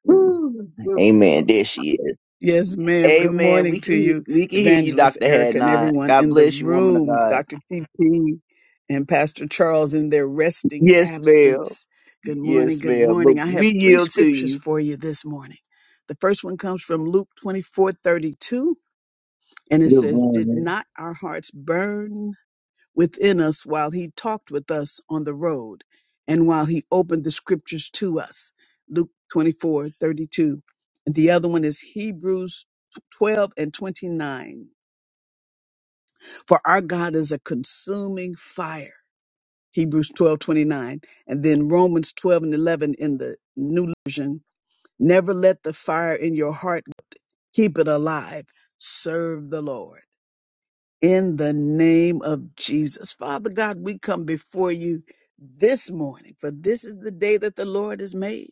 mm, Woo. Good amen. mo- There she is. Yes, ma'am. Good Amen. We morning can, to he- you, we can hear you, Evangelist Dr. Erica, and Hadnot. everyone God in the bless you, woman of room, God. Dr. TP and Pastor Charles in their resting Yes, ma'am. absence. Good morning. Yes, Good ma'am. But morning. I have we three yield to scriptures you. for you this morning. The first one comes from Luke twenty four thirty two, and it Good says, Did morning. not our hearts burn? within us while he talked with us on the road and while he opened the scriptures to us. Luke 24:32, And the other one is Hebrews 12 and 29. For our God is a consuming fire. Hebrews 12:29, And then Romans 12 and 11 in the New Version. Never let the fire in your heart keep it alive. Serve the Lord. In the name of Jesus. Father God, we come before you this morning, for this is the day that the Lord has made.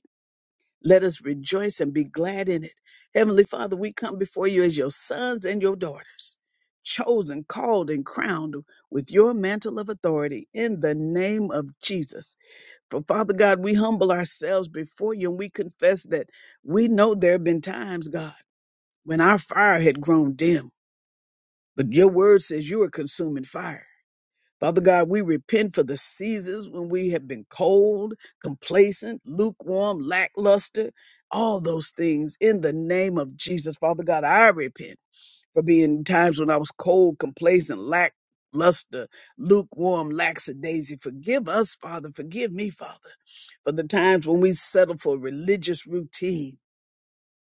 Let us rejoice and be glad in it. Heavenly Father, we come before you as your sons and your daughters, chosen, called, and crowned with your mantle of authority in the name of Jesus. For Father God, we humble ourselves before you and we confess that we know there have been times, God, when our fire had grown dim, but your word says you are consuming fire. Father God, we repent for the seasons when we have been cold, complacent, lukewarm, lackluster, all those things in the name of Jesus. Father God, I repent for being times when I was cold, complacent, lackluster, lukewarm, lackadaisy. Forgive us, Father. Forgive me, Father, for the times when we settle for religious routine.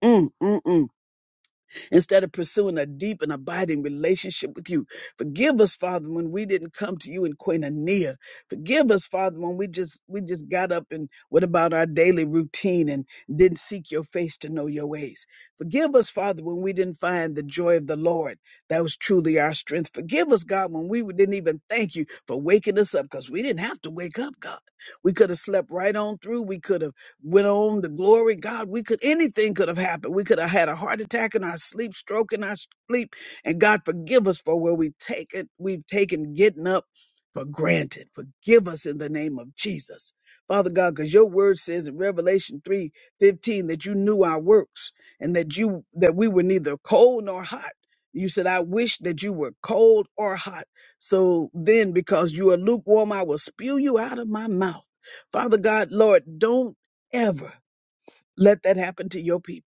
Mm, mm, mm instead of pursuing a deep and abiding relationship with you. Forgive us, Father, when we didn't come to you in Koinonia. Forgive us, Father, when we just we just got up and what about our daily routine and didn't seek your face to know your ways. Forgive us, Father, when we didn't find the joy of the Lord. That was truly our strength. Forgive us, God, when we didn't even thank you for waking us up because we didn't have to wake up, God. We could have slept right on through. We could have went on to glory. God, we could, anything could have happened. We could have had a heart attack in our sleep, stroke in our sleep. And God, forgive us for where we take it. We've taken getting up for granted. Forgive us in the name of Jesus. Father God, because your word says in Revelation three fifteen that you knew our works and that you, that we were neither cold nor hot. You said, I wish that you were cold or hot. So then, because you are lukewarm, I will spew you out of my mouth. Father God, Lord, don't ever let that happen to your people.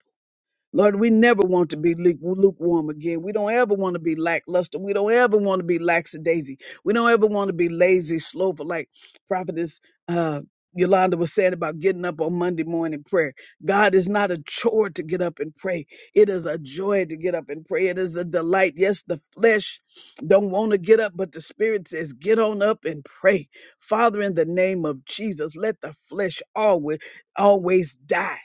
Lord, we never want to be lu- lukewarm again. We don't ever want to be lackluster. We don't ever want to be lackadaisy. We don't ever want to be lazy, slothful, like Prophetess uh, Yolanda was saying about getting up on Monday morning prayer. God is not a chore to get up and pray. It is a joy to get up and pray. It is a delight. Yes, the flesh don't want to get up, but the spirit says, get on up and pray. Father, in the name of Jesus, let the flesh always, always die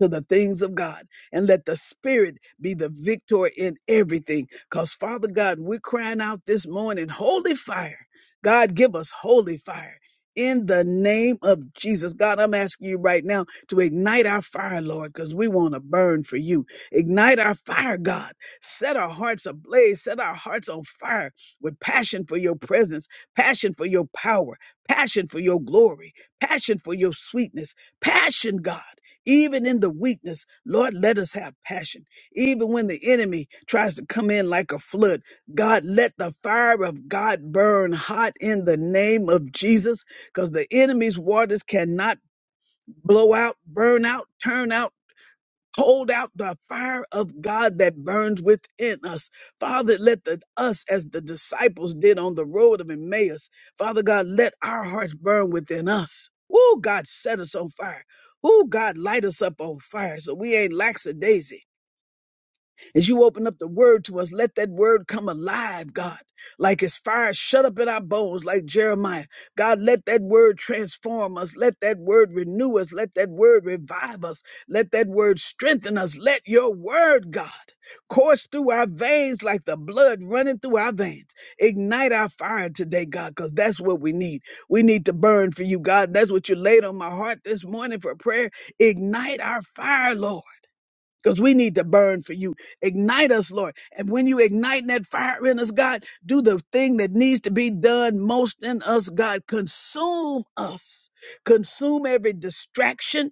to the things of God and let the Spirit be the victor in everything. Because, Father God, we're crying out this morning, holy fire. God, give us holy fire. In the name of Jesus, God, I'm asking you right now to ignite our fire, Lord, because we want to burn for you. Ignite our fire, God. Set our hearts ablaze. Set our hearts on fire with passion for your presence, passion for your power, passion for your glory, passion for your sweetness, passion, God. Even in the weakness, Lord, let us have passion. Even when the enemy tries to come in like a flood, God, let the fire of God burn hot in the name of Jesus, because the enemy's waters cannot blow out, burn out, turn out. Hold out the fire of God that burns within us. Father, let the, us, as the disciples did on the road of Emmaus, Father God, let our hearts burn within us. Oh, God, set us on fire. Oh, God, light us up on fire so we ain't lackadaisy. As you open up the word to us, let that word come alive, God, like it's fire shut up in our bones, like Jeremiah. God, let that word transform us. Let that word renew us. Let that word revive us. Let that word strengthen us. Let your word, God, course through our veins like the blood running through our veins. Ignite our fire today, God, because that's what we need. We need to burn for you, God. That's what you laid on my heart this morning for prayer. Ignite our fire, Lord because we need to burn for you. Ignite us, Lord. And when you ignite that fire in us, God, do the thing that needs to be done most in us, God. Consume us. Consume every distraction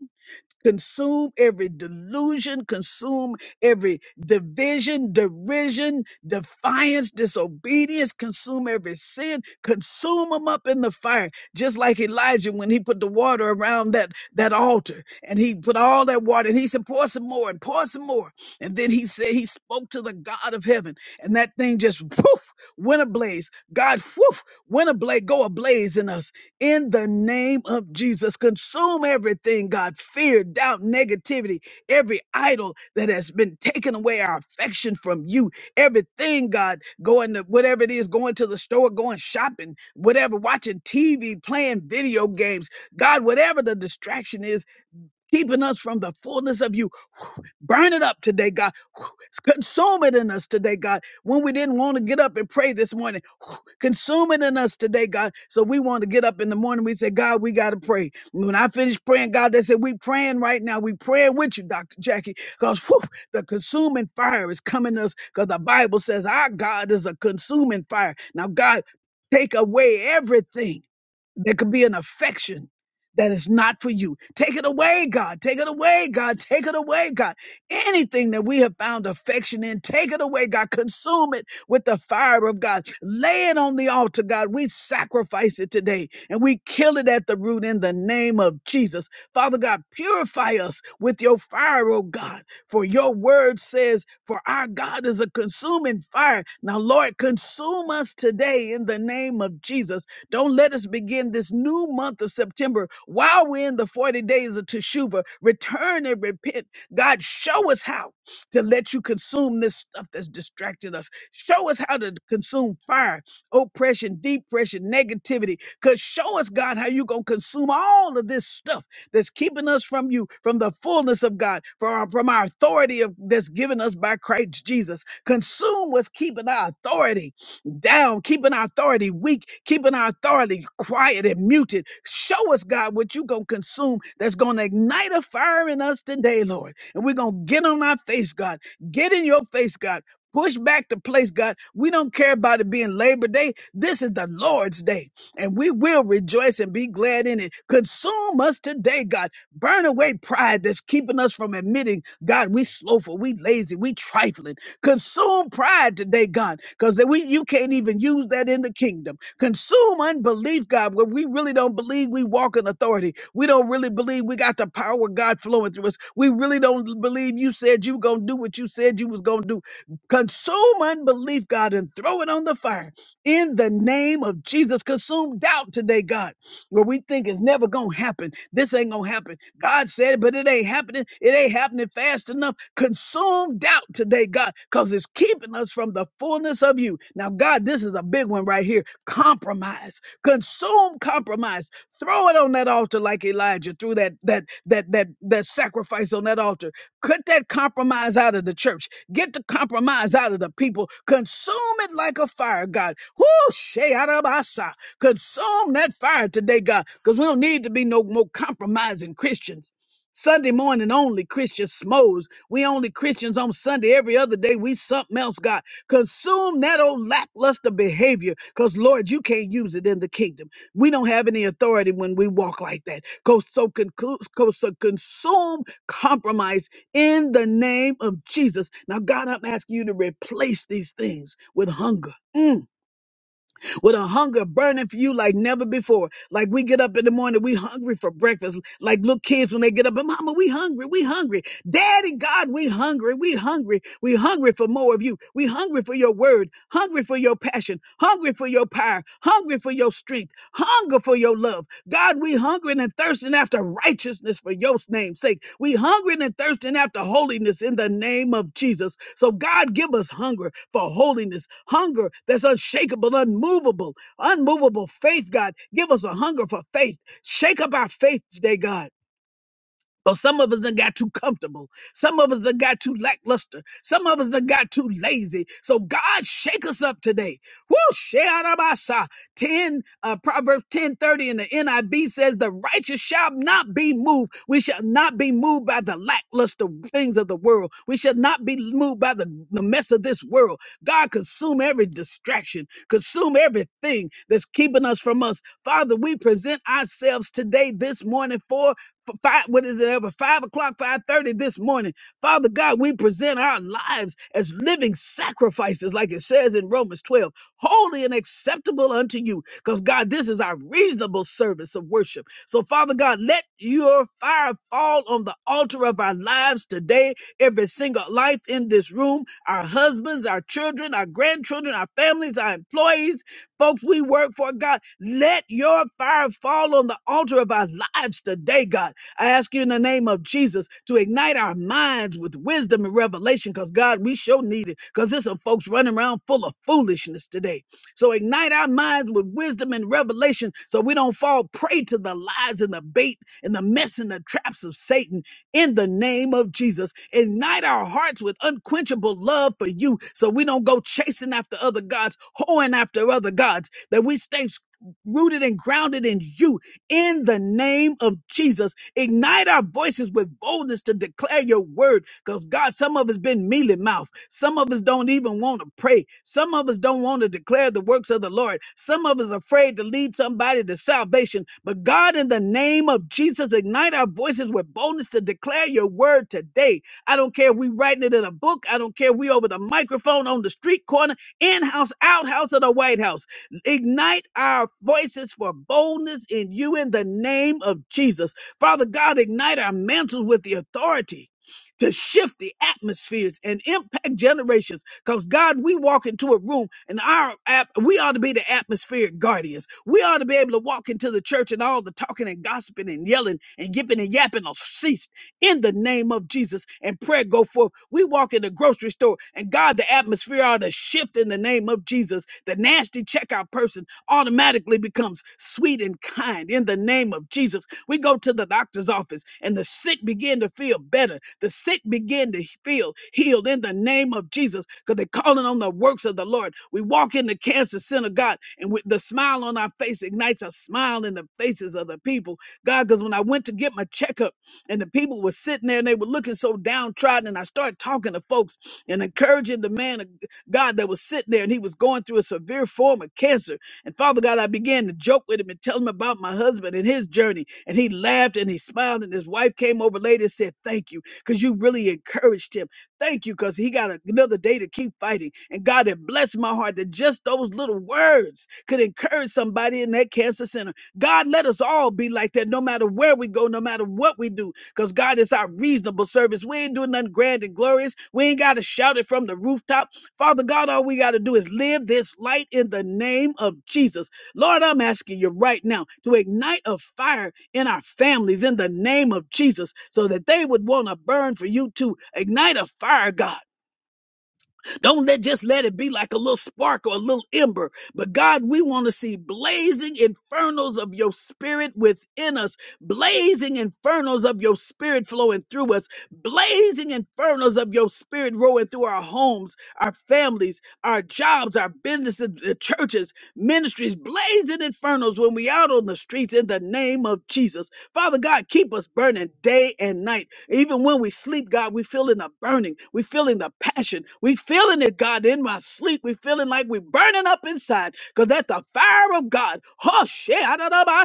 consume every delusion, consume every division, derision, defiance, disobedience, consume every sin, consume them up in the fire. Just like Elijah when he put the water around that, that altar and he put all that water and he said, pour some more and pour some more. And then he said, he spoke to the God of heaven and that thing just woof, went ablaze. God, woof, went ablaze, go ablaze in us in the name of Jesus. Consume everything, God, fear, doubt, negativity, every idol that has been taken away our affection from you, everything, God, going to whatever it is, going to the store, going shopping, whatever, watching TV, playing video games, God, whatever the distraction is, keeping us from the fullness of you. Burn it up today, God. Consume it in us today, God. When we didn't want to get up and pray this morning, consume it in us today, God. So we want to get up in the morning. We say, God, we got to pray. When I finished praying, God, they said, we praying right now. We praying with you, Dr. Jackie, because the consuming fire is coming us because the Bible says our God is a consuming fire. Now, God, take away everything there could be an affection that is not for you. Take it away, God. Take it away, God. Take it away, God. Anything that we have found affection in, take it away, God. Consume it with the fire of God. Lay it on the altar, God. We sacrifice it today and we kill it at the root in the name of Jesus. Father God, purify us with your fire, oh God. For your word says, for our God is a consuming fire. Now, Lord, consume us today in the name of Jesus. Don't let us begin this new month of September while we're in the 40 days of Teshuvah. Return and repent. God, show us how to let you consume this stuff that's distracting us. Show us how to consume fire, oppression, depression, negativity. Because show us, God, how you going to consume all of this stuff that's keeping us from you, from the fullness of God, from our, from our authority of, that's given us by Christ Jesus. Consume what's keeping our authority down, keeping our authority weak, keeping our authority quiet and muted. Show us, God, what you going to consume that's going to ignite a fire in us today, Lord. And we're going to get on our face, God. Get in your face, God. Push back the place, God. We don't care about it being Labor Day. This is the Lord's day, and we will rejoice and be glad in it. Consume us today, God. Burn away pride that's keeping us from admitting, God, we slothful, we lazy, we trifling. Consume pride today, God, because we you can't even use that in the kingdom. Consume unbelief, God, where we really don't believe we walk in authority. We don't really believe we got the power of God flowing through us. We really don't believe you said you were gonna do what you said you was gonna do. Consume unbelief, God, and throw it on the fire in the name of Jesus. Consume doubt today, God, where we think it's never gonna happen. This ain't gonna happen. God said it, but it ain't happening. It ain't happening fast enough. Consume doubt today, God, because it's keeping us from the fullness of you. Now, God, this is a big one right here. Compromise. Consume compromise. Throw it on that altar like Elijah threw that that that that that sacrifice on that altar. Cut that compromise out of the church. Get the compromise out of the people. Consume it like a fire, God. Whoo, Shayarabasa. Consume that fire today, God, because we don't need to be no more compromising Christians. Sunday morning only Christian smos. We only Christians on Sunday. Every other day we something else, God. Consume that old lackluster behavior because, Lord, you can't use it in the kingdom. We don't have any authority when we walk like that. Go so, conclu- go so consume compromise in the name of Jesus. Now, God, I'm asking you to replace these things with hunger. Mm with a hunger burning for you like never before. Like we get up in the morning, we hungry for breakfast. Like little kids when they get up, Mama, we hungry, we hungry. Daddy God, we hungry, we hungry, we hungry for more of you. We hungry for your word, hungry for your passion, hungry for your power, hungry for your strength hunger for your love. God, we hungering and thirsting after righteousness for your name's sake. We hungering and thirsting after holiness in the name of Jesus. So God, give us hunger for holiness, hunger that's unshakable, unmovable, unmovable faith, God. Give us a hunger for faith. Shake up our faith today, God but some of us done got too comfortable. Some of us done got too lackluster. Some of us done got too lazy. So God shake us up today. Woo! Shearabasa. 10, uh, Proverbs 1030 in the NIV says, the righteous shall not be moved. We shall not be moved by the lackluster things of the world. We shall not be moved by the, the mess of this world. God consume every distraction, consume everything that's keeping us from us. Father, we present ourselves today, this morning for for five, what is it, over five o'clock, five thirty this morning. Father God, we present our lives as living sacrifices, like it says in Romans 12, holy and acceptable unto you. Because God, this is our reasonable service of worship. So, Father God, let your fire fall on the altar of our lives today, every single life in this room, our husbands, our children, our grandchildren, our families, our employees, folks we work for, God. Let your fire fall on the altar of our lives today, God. I ask you in the name of Jesus to ignite our minds with wisdom and revelation because, God, we sure need it because there's some folks running around full of foolishness today. So ignite our minds with wisdom and revelation so we don't fall prey to the lies and the bait and the mess and the traps of Satan in the name of Jesus. Ignite our hearts with unquenchable love for you so we don't go chasing after other gods, hoeing after other gods, that we stay rooted and grounded in you in the name of Jesus. Ignite our voices with boldness to declare your word. Because God, some of us been mealy mouth. Some of us don't even want to pray. Some of us don't want to declare the works of the Lord. Some of us afraid to lead somebody to salvation. But God, in the name of Jesus, ignite our voices with boldness to declare your word today. I don't care if we writing it in a book. I don't care if we over the microphone on the street corner, in-house, outhouse, or the White House. Ignite our voices for boldness in you in the name of Jesus. Father God, ignite our mantles with the authority to shift the atmospheres and impact generations. Because God, we walk into a room and our app, we ought to be the atmospheric guardians. We ought to be able to walk into the church and all the talking and gossiping and yelling and yipping and yapping will cease in the name of Jesus and prayer go forth. We walk in the grocery store and God, the atmosphere ought to shift in the name of Jesus. The nasty checkout person automatically becomes sweet and kind in the name of Jesus. We go to the doctor's office and the sick begin to feel better. The sick begin to feel healed in the name of Jesus because they're calling on the works of the Lord. We walk in the cancer center, God, and with the smile on our face ignites a smile in the faces of the people. God, because when I went to get my checkup, and the people were sitting there and they were looking so downtrodden. And I started talking to folks and encouraging the man of God that was sitting there and he was going through a severe form of cancer. And Father God, I began to joke with him and tell him about my husband and his journey. And he laughed and he smiled. And his wife came over later and said, Thank you, because you really encouraged him. Thank you, because he got another day to keep fighting. And God had blessed my heart that just those little words could encourage somebody in that cancer center. God, let us all be like that no matter where we go, no matter what we do because God is our reasonable service. We ain't doing nothing grand and glorious. We ain't got to shout it from the rooftop. Father God, all we got to do is live this light in the name of Jesus. Lord, I'm asking you right now to ignite a fire in our families in the name of Jesus so that they would want to burn for you too. Ignite a fire, God don't let just let it be like a little spark or a little ember. But God, we want to see blazing infernos of your spirit within us, blazing infernos of your spirit flowing through us, blazing infernos of your spirit rolling through our homes, our families, our jobs, our businesses, the churches, ministries, blazing infernos when we out on the streets in the name of Jesus. Father God, keep us burning day and night. Even when we sleep, God, we feeling the burning. We feeling the passion. We feeling it, God, in my sleep. We feeling like we burning up inside because that's the fire of God. Oh, shit.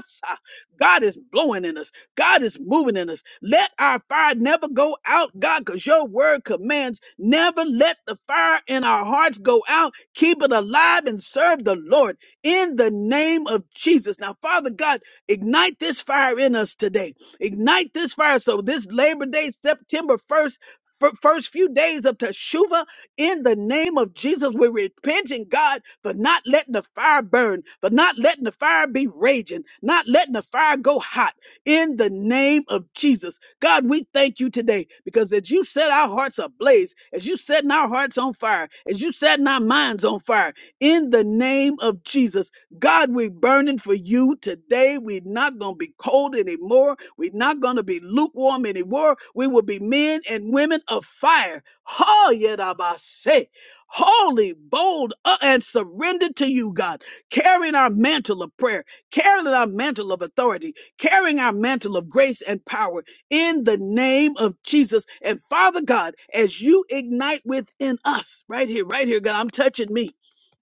si- God is blowing in us. God is moving in us. Let our fire never go out, God, because your word commands never let the fire in our hearts go out. Keep it alive and serve the Lord in the name of Jesus. Now, Father God, ignite this fire in us today. Ignite this fire. So this Labor Day, September 1st, fir- First few days of Teshuvah in the name of Jesus, we're repenting, God, for not letting the fire burn, for not letting the fire be raging, not letting the fire go hot in the name of Jesus. God, we thank you today because as you set our hearts ablaze, as you setting our hearts on fire, as you setting our minds on fire, in the name of Jesus. God, we're burning for you today. We're not going to be cold anymore. We're not going to be lukewarm anymore. We will be men and women of fire. Ha, yedabase. Holy, bold, uh, and surrendered to you, God, carrying our mantle of prayer, carrying our mantle of authority, carrying our mantle of grace and power in the name of Jesus. And Father God, as you ignite within us, right here, right here, God, I'm touching me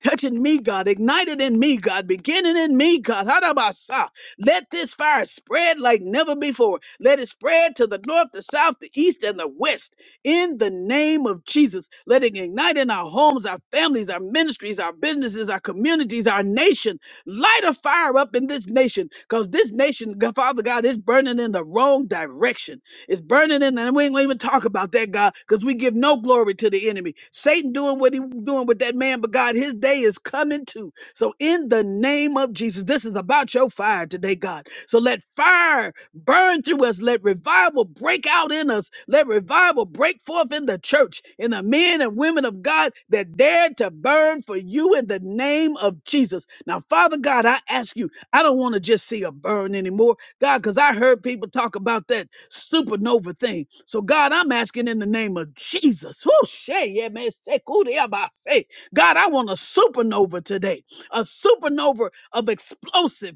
touching me, God, ignited in me, God, beginning in me, God. Hadabasa. Let this fire spread like never before. Let it spread to the north, the south, the east, and the west. In the name of Jesus, let it ignite in our homes, our families, our ministries, our businesses, our communities, our nation. Light a fire up in this nation because this nation, God- Father God, is burning in the wrong direction. It's burning in, and we ain't gonna even talk about that, God, because we give no glory to the enemy. Satan doing what he doing with that man, but God, his day is coming too. So in the name of Jesus, this is about your fire today, God. So let fire burn through us. Let revival break out in us. Let revival break forth in the church, in the men and women of God that dared to burn for you in the name of Jesus. Now, Father God, I ask you, I don't want to just see a burn anymore, God, because I heard people talk about that supernova thing. So, God, I'm asking in the name of Jesus. whoo, shay, yeah, man, say, cool, yeah, bah, say. God, I want a supernova today, a supernova of explosive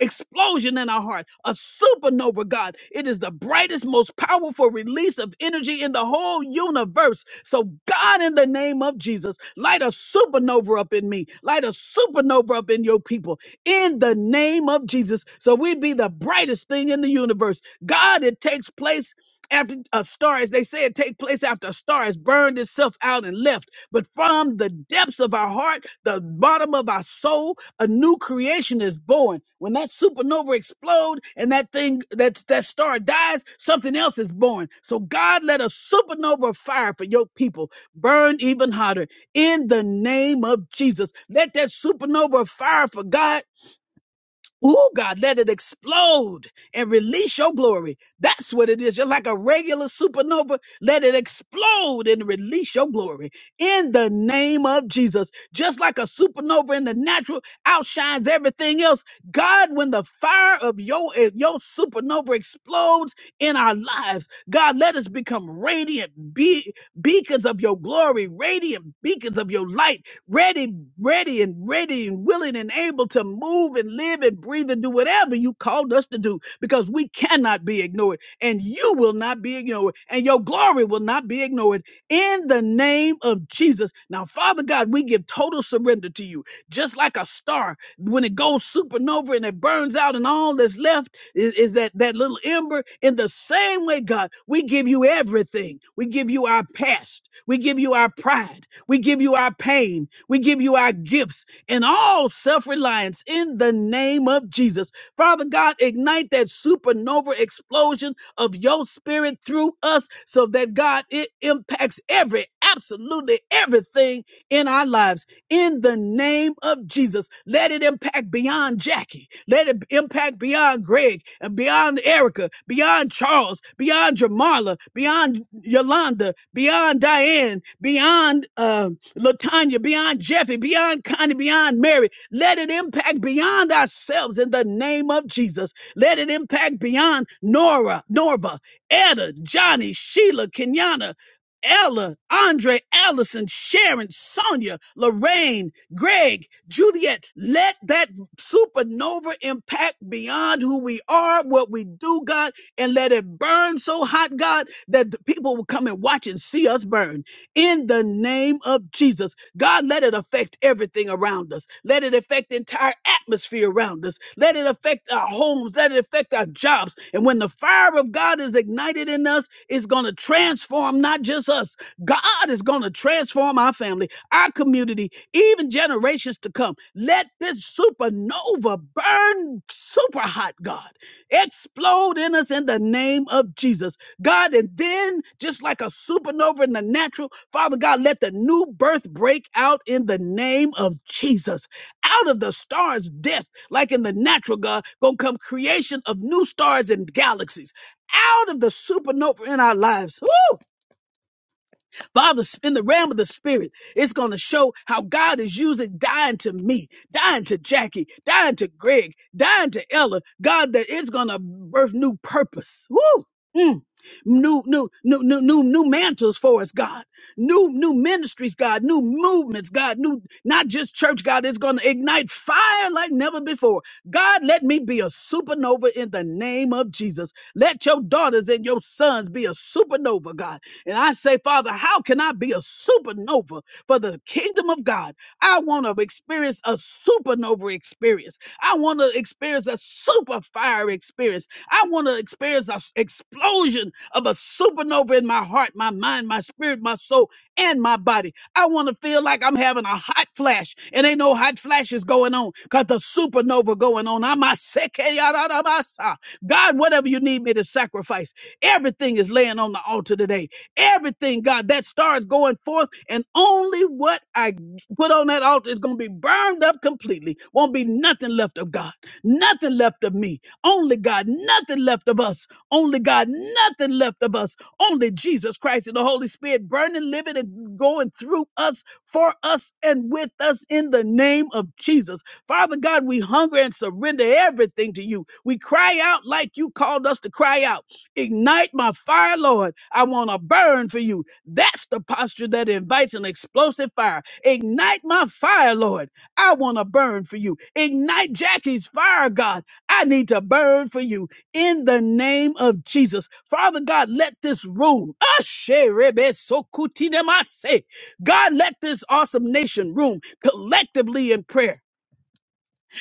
explosion in our heart, a supernova, God. It is the brightest, most powerful release of energy in the whole universe. So, God, in the name of Jesus, light a supernova up in me, light a supernova up in your people, in the name of Jesus. So, we be the brightest thing in the universe. God, it takes place. After a star, as they say, it take place after a star has burned itself out and left. But from the depths of our heart, the bottom of our soul, a new creation is born. When that supernova explode and that thing, that, that star dies, something else is born. So God let a supernova fire for your people burn even hotter in the name of Jesus. Let that supernova fire for God Ooh, God, let it explode and release your glory. That's what it is. Just like a regular supernova, let it explode and release your glory in the name of Jesus. Just like a supernova in the natural outshines everything else. God, when the fire of your, eh, your supernova explodes in our lives, God, let us become radiant be- beacons of your glory, radiant beacons of your light ready, ready, and ready, and willing and able to move and live and breathe and do whatever you called us to do because we cannot be ignored and you will not be ignored and your glory will not be ignored in the name of Jesus. Now, Father God, we give total surrender to you, just like a star when it goes supernova and it burns out and all that's left is, is that that little ember in the same way god we give you everything we give you our past we give you our pride we give you our pain we give you our gifts and all self-reliance in the name of jesus father god ignite that supernova explosion of your spirit through us so that god it impacts every absolutely everything in our lives in the name of Jesus. Let it impact beyond Jackie. Let it impact beyond Greg and beyond Erica, beyond Charles, beyond Jamarla, beyond Yolanda, beyond Diane, beyond uh, Latanya, beyond Jeffy, beyond Connie, beyond Mary. Let it impact beyond ourselves in the name of Jesus. Let it impact beyond Nora, Norva, Etta, Johnny, Sheila, Kenyana, Ella, Andre, Allison, Sharon, Sonia, Lorraine, Greg, Juliet. Let that supernova impact beyond who we are, what we do, God, and let it burn so hot, God, that the people will come and watch and see us burn. In the name of Jesus. God, let it affect everything around us. Let it affect the entire atmosphere around us. Let it affect our homes. Let it affect our jobs. And when the fire of God is ignited in us, it's going to transform not just us. God is going to transform our family, our community, even generations to come. Let this supernova burn super hot, God. Explode in us in the name of Jesus. God, and then just like a supernova in the natural, Father God, let the new birth break out in the name of Jesus. Out of the stars, death, like in the natural, God, gonna come creation of new stars and galaxies. Out of the supernova in our lives. Woo! Father, in the realm of the spirit, it's going to show how God is using dying to me, dying to Jackie, dying to Greg, dying to Ella. God, that it's going to birth new purpose. Woo! Mm. New, new, new, new, new, new mantles for us, God. New, new ministries, God. New movements, God. New, not just church, God. It's going to ignite fire like never before. God, let me be a supernova in the name of Jesus. Let your daughters and your sons be a supernova, God. And I say, Father, how can I be a supernova for the kingdom of God? I want to experience a supernova experience. I want to experience a super fire experience. I want to experience an explosion of a supernova in my heart, my mind, my spirit, my soul, and my body. I want to feel like I'm having a hot flash, and ain't no hot flashes going on because the supernova going on. I'm a sick. God, whatever you need me to sacrifice, everything is laying on the altar today. Everything, God, that star is going forth, and only what I put on that altar is going to be burned up completely. Won't be nothing left of God, nothing left of me, only God, nothing left of us, only God, nothing left of us, only Jesus Christ and the Holy Spirit burning, living, and going through us, for us, and with us in the name of Jesus. Father God, we hunger and surrender everything to you. We cry out like you called us to cry out. Ignite my fire, Lord. I want to burn for you. That's the posture that invites an explosive fire. Ignite my fire, Lord. I want to burn for you. Ignite Jackie's fire, God. I need to burn for you in the name of Jesus. Father God, let this room, Asherebesokutinamase. God, let this awesome nation room collectively in prayer.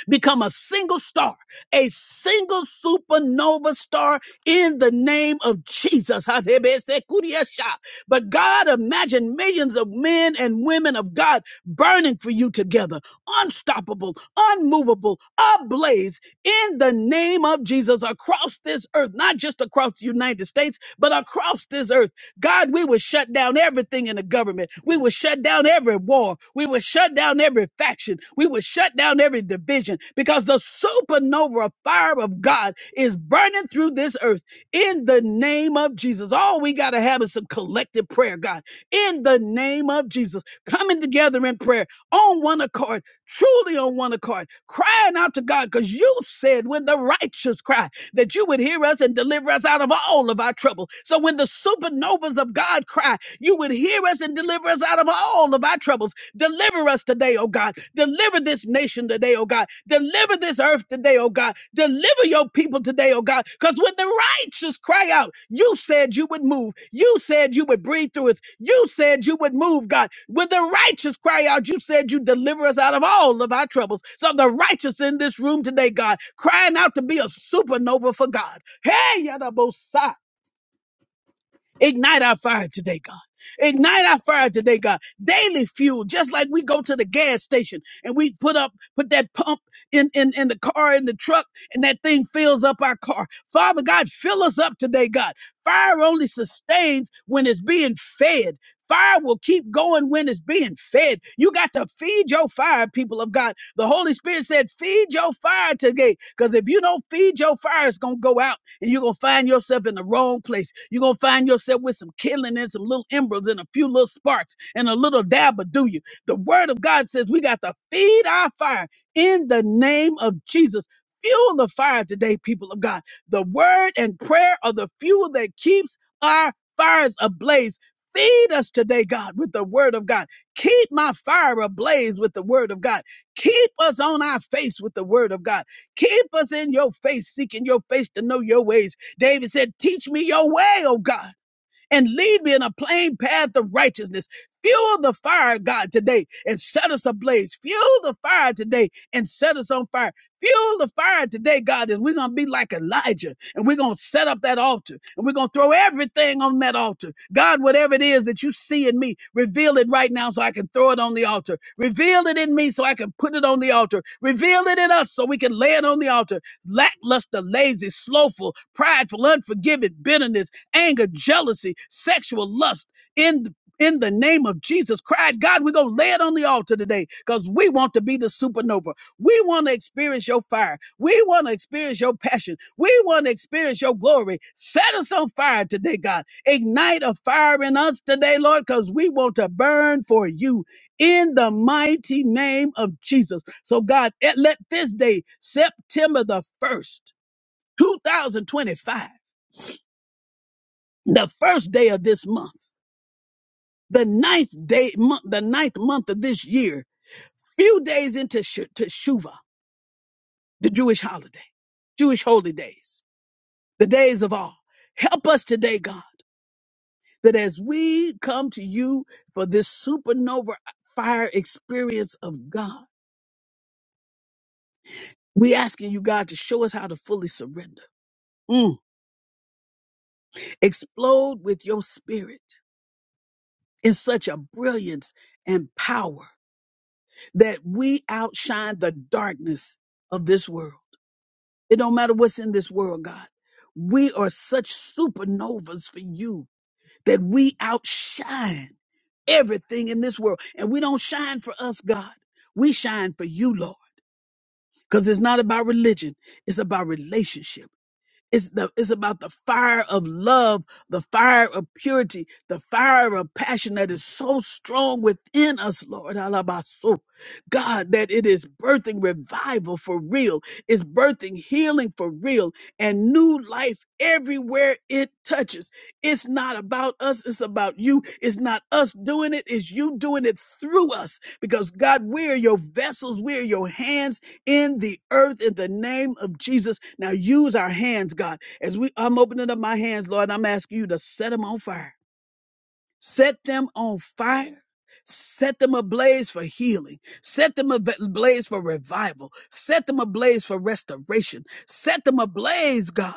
Become a single star, a single supernova star in the name of Jesus. But God, imagine millions of men and women of God burning for you together, unstoppable, unmovable, ablaze in the name of Jesus across this earth, not just across the United States, but across this earth God, we will shut down everything in the government. We will shut down every war. We will shut down every faction. We will shut down every division because the supernova fire of God is burning through this earth in the name of Jesus. All we got to have is some collective prayer, God, in the name of Jesus, coming together in prayer on one accord, truly on one accord, crying out to God because you said when the righteous cry, that you would hear us and deliver us out of all of our trouble. So when the supernovas of God cry, you would hear us and deliver us out of all of our troubles. Deliver us today, oh God. Deliver this nation today, oh God. Deliver this earth today, oh God. Deliver your people today, oh God. Because when the righteous cry out, you said you would move. You said you would breathe through us. You said you would move, God. When the righteous cry out, you said you deliver us out of all of our troubles. So the righteous in this room today, God, crying out to be a supernova for God. Hey, Yadabosai. Ignite our fire today, God. Ignite our fire today, God. Daily fuel, just like we go to the gas station and we put up, put that pump in, in, in the car, in the truck, and that thing fills up our car. Father God, fill us up today, God. Fire only sustains when it's being fed. Fire will keep going when it's being fed. You got to feed your fire, people of God. The Holy Spirit said, feed your fire today. Because if you don't feed your fire, it's going to go out and you're gonna find yourself in the wrong place. You're gonna find yourself with some killing and some little embers and a few little sparks and a little dab of do you. The word of God says we got to feed our fire in the name of Jesus. Fuel the fire today, people of God. The word and prayer are the fuel that keeps our fires ablaze. Feed us today, God, with the word of God. Keep my fire ablaze with the word of God. Keep us on our face with the word of God. Keep us in your face, seeking your face to know your ways. David said, Teach me your way, oh God and lead me in a plain path of righteousness. Fuel the fire, God, today and set us ablaze. Fuel the fire today and set us on fire. Fuel the fire today, God, is we're going to be like Elijah and we're going to set up that altar and we're going to throw everything on that altar. God, whatever it is that you see in me, reveal it right now so I can throw it on the altar. Reveal it in me so I can put it on the altar. Reveal it in us so we can lay it on the altar lackluster, lazy, slowful, prideful, unforgiving, bitterness, anger, jealousy, sexual lust in in the name of Jesus cried, God, we're going to lay it on the altar today because we want to be the supernova. We want to experience your fire. We want to experience your passion. We want to experience your glory. Set us on fire today, God. Ignite a fire in us today, Lord, because we want to burn for you in the mighty name of Jesus. So, God, eh, let this day, September the 1st, 2025, the first day of this month, the ninth day, month, the ninth month of this year, few days into Sh- Teshuvah, the Jewish holiday, Jewish holy days, the days of all. Help us today, God, that as we come to you for this supernova fire experience of God, we asking you, God, to show us how to fully surrender, Mm. explode with your spirit in such a brilliance and power that we outshine the darkness of this world It don't matter what's in this world, God. We are such supernovas for you that we outshine everything in this world. And we don't shine for us, God. We shine for you, Lord. Because it's not about religion, it's about relationship. It's the it's about the fire of love, the fire of purity, the fire of passion that is so strong within us, Lord. Alabaso. God, that it is birthing revival for real, it's birthing healing for real, and new life everywhere it touches. It's not about us, it's about you. It's not us doing it, it's you doing it through us. Because God, we're your vessels, we're your hands in the earth in the name of Jesus. Now use our hands, God. As we I'm opening up my hands, Lord, I'm asking you to set them on fire. Set them on fire. Set them ablaze for healing. Set them ab- ablaze for revival. Set them ablaze for restoration. Set them ablaze, God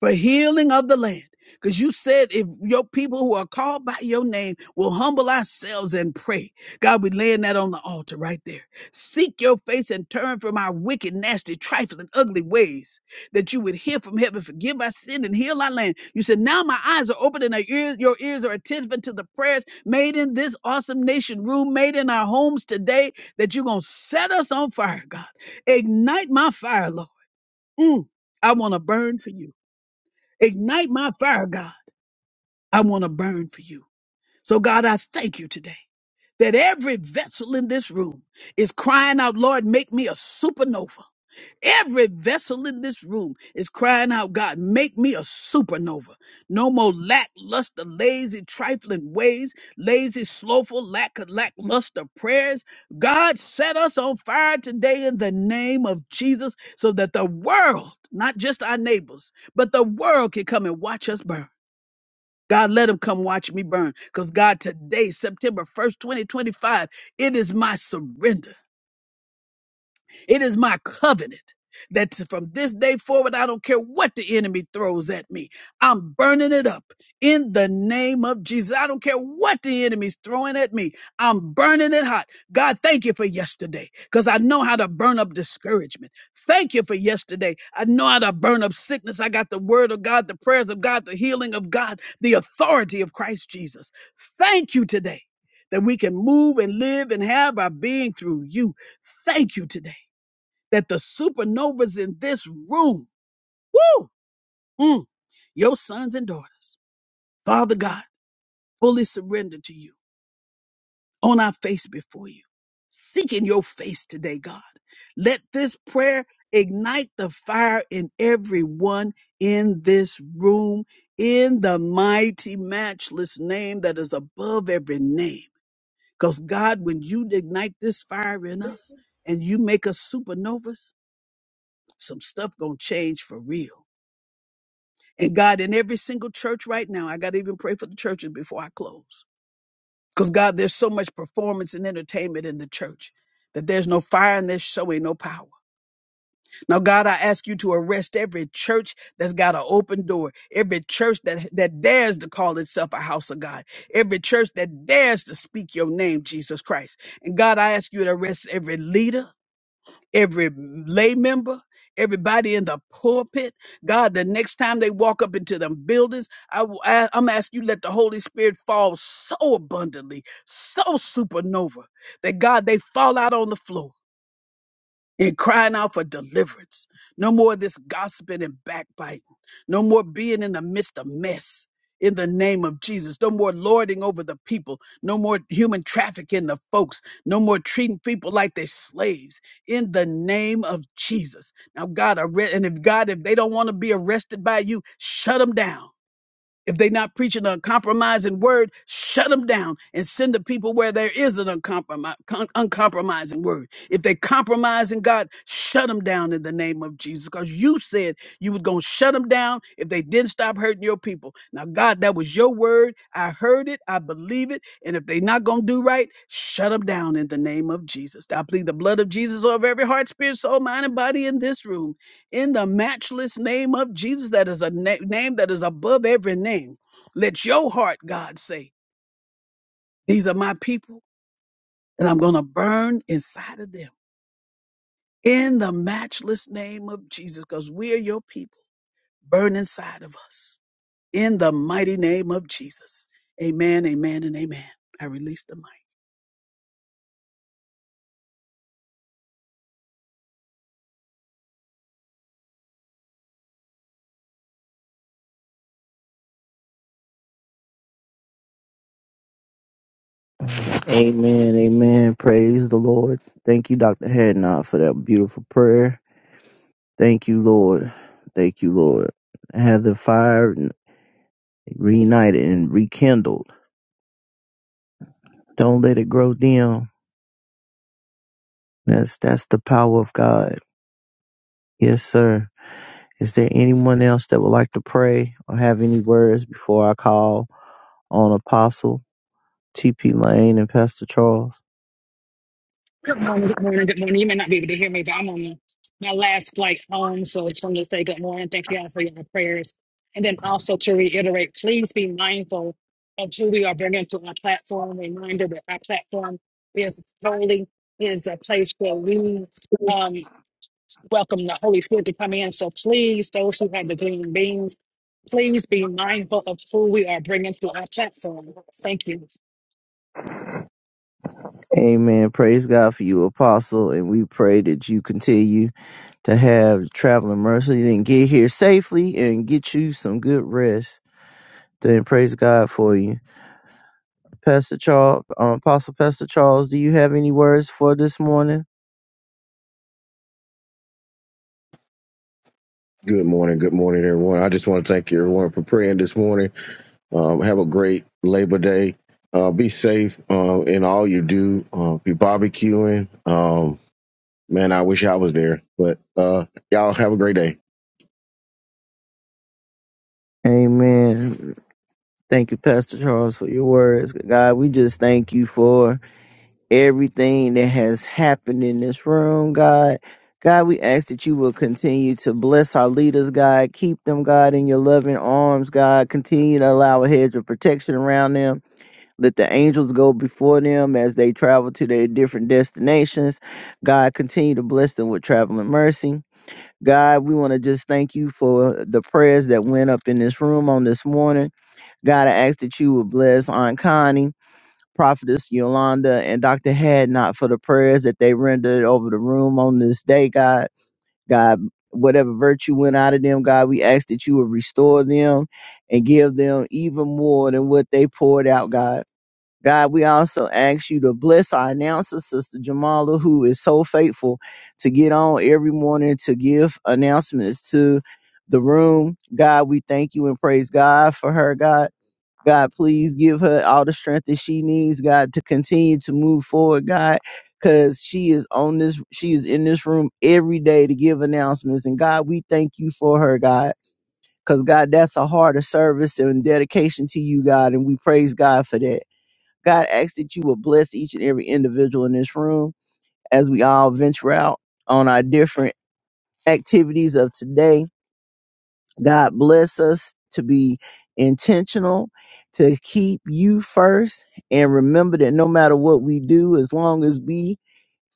for healing of the land. Because you said if your people who are called by your name will humble ourselves and pray. God, we laying that on the altar right there. Seek your face and turn from our wicked, nasty, trifling, ugly ways that you would hear from heaven, forgive our sin and heal our land. You said, now my eyes are open and our ears, your ears are attentive to the prayers made in this awesome nation room, made in our homes today, that you're going to set us on fire, God. Ignite my fire, Lord. Mm, I want to burn for you. Ignite my fire, God. I want to burn for you. So, God, I thank you today that every vessel in this room is crying out, Lord, make me a supernova. Every vessel in this room is crying out, God, make me a supernova. No more lackluster, lazy, trifling ways, lazy, slowful, lack, lackluster prayers. God, set us on fire today in the name of Jesus so that the world, not just our neighbors, but the world can come and watch us burn. God, let him come watch me burn. Because God, today, September 1st, 2025, it is my surrender. It is my covenant that from this day forward, I don't care what the enemy throws at me. I'm burning it up in the name of Jesus. I don't care what the enemy's throwing at me. I'm burning it hot. God, thank you for yesterday because I know how to burn up discouragement. Thank you for yesterday. I know how to burn up sickness. I got the word of God, the prayers of God, the healing of God, the authority of Christ Jesus. Thank you today that we can move and live and have our being through you. Thank you today that the supernovas in this room, woo, mm, your sons and daughters, Father God, fully surrender to you on our face before you, seeking your face today, God. Let this prayer ignite the fire in everyone in this room in the mighty, matchless name that is above every name. Because God, when you ignite this fire in us and you make us supernovas, some stuff gonna change for real And God, in every single church right now, I got to even pray for the churches before I close. Because God, there's so much performance and entertainment in the church that there's no fire and there's so ain't no power. Now, God, I ask you to arrest every church that's got an open door, every church that, that dares to call itself a house of God, every church that dares to speak your name, Jesus Christ. And God, I ask you to arrest every leader every lay member, everybody in the pulpit. God, the next time they walk up into them buildings, I, am asking you, let the Holy Spirit fall so abundantly, so supernova that God, they fall out on the floor and crying out for deliverance. No more of this gossiping and backbiting. No more being in the midst of mess. In the name of Jesus, no more lording over the people, no more human trafficking the folks, no more treating people like they're slaves. In the name of Jesus, now God, arre- and if God, if they don't want to be arrested by you, shut them down. If they're not preaching an uncompromising word, shut them down and send the people where there is an uncompromi- con- uncompromising word. If they compromising God, shut them down in the name of Jesus. Because you said you was going to shut them down if they didn't stop hurting your people. Now, God, that was your word. I heard it. I believe it. And if they not going to do right, shut them down in the name of Jesus. I plead the blood of Jesus over every heart, spirit, soul, mind, and body in this room in the matchless name of Jesus, that is a na- name that is above every name. Let your heart, God, say, These are my people, and I'm going to burn inside of them. In the matchless name of Jesus, because we are your people, burn inside of us. In the mighty name of Jesus. Amen, amen, and amen. I release the mic. Amen. Amen. Praise the Lord. Thank you, Dr. Hadnot, for that beautiful prayer. Thank you, Lord. Thank you, Lord. Have the fire reunited and rekindled. Don't let it grow dim. That's that's the power of God. Yes, sir. Is there anyone else that would like to pray or have any words before I call on Apostle TP Lane and Pastor Charles? Good morning, good morning, good morning. You may not be able to hear me, but I'm on my last flight home. So I just wanted to say good morning. Thank you all for your prayers. And then also to reiterate, please be mindful of who we are bringing to our platform. Reminder that our platform is holy, is a place where we um, welcome the Holy Spirit to come in. So please, those who have the green beans, please be mindful of who we are bringing to our platform. Thank you. Amen. Praise God for you, Apostle. And we pray that you continue to have traveling mercy and get here safely and get you some good rest. Then praise God for you. Pastor Charles, um, Apostle Pastor Charles, do you have any words for this morning? Good morning. Good morning, everyone. I just want to thank you, everyone, for praying this morning. Um, have a great Labor Day. Uh, be safe uh, in all you do. Uh, be barbecuing. Um, man, I wish I was there, but uh, y'all have a great day. Amen. Thank you, Pastor Charles, for your words. God, we just thank you for everything that has happened in this room, God. God, we ask that you will continue to bless our leaders, God. Keep them, God, in your loving arms, God. Continue to allow a hedge of protection around them. Let the angels go before them as they travel to their different destinations. God, continue to bless them with traveling mercy. God, we want to just thank you for the prayers that went up in this room on this morning. God, I ask that you would bless Aunt Connie. Prophetess Yolanda and Dr. Hadnot for the prayers that they rendered over the room on this day, God. God, whatever virtue went out of them, God, we ask that you would restore them and give them even more than what they poured out, God. God, we also ask you to bless our announcer, Sister Jamala, who is so faithful to get on every morning to give announcements to the room. God, we thank you and praise God for her, God. God, please give her all the strength that she needs, God, to continue to move forward, God, because she is on this, she is in this room every day to give announcements. And God, we thank you for her, God, because God, that's a heart of service and dedication to you, God. And we praise God for that. God, ask that you will bless each and every individual in this room as we all venture out on our different activities of today God bless us to be intentional, to keep you first, and remember that no matter what we do, as long as we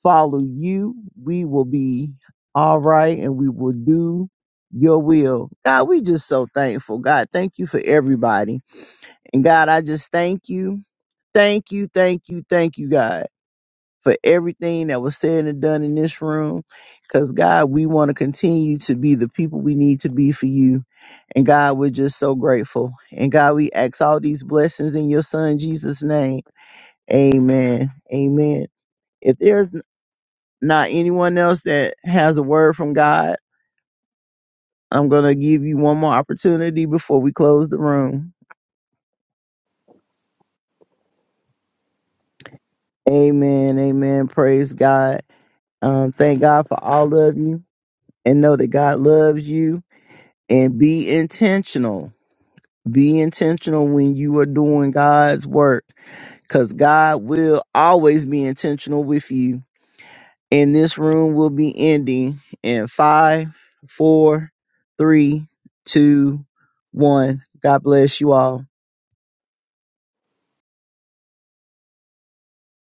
follow you, we will be all right and we will do your will. God, we just so thankful. God, thank you for everybody. And God, I just thank you. Thank you, thank you, thank you, God for everything that was said and done in this room. Because, God, we want to continue to be the people we need to be for you. And, God, we're just so grateful. And, God, we ask all these blessings in your Son, Jesus' name. Amen. Amen. If there's n- not anyone else that has a word from God, I'm going to give you one more opportunity before we close the room. Amen. Amen. Praise God. Um, thank God for all of you and know that God loves you and be intentional. Be intentional when you are doing God's work because God will always be intentional with you. And this room will be ending in five, four, three, two, one. God bless you all.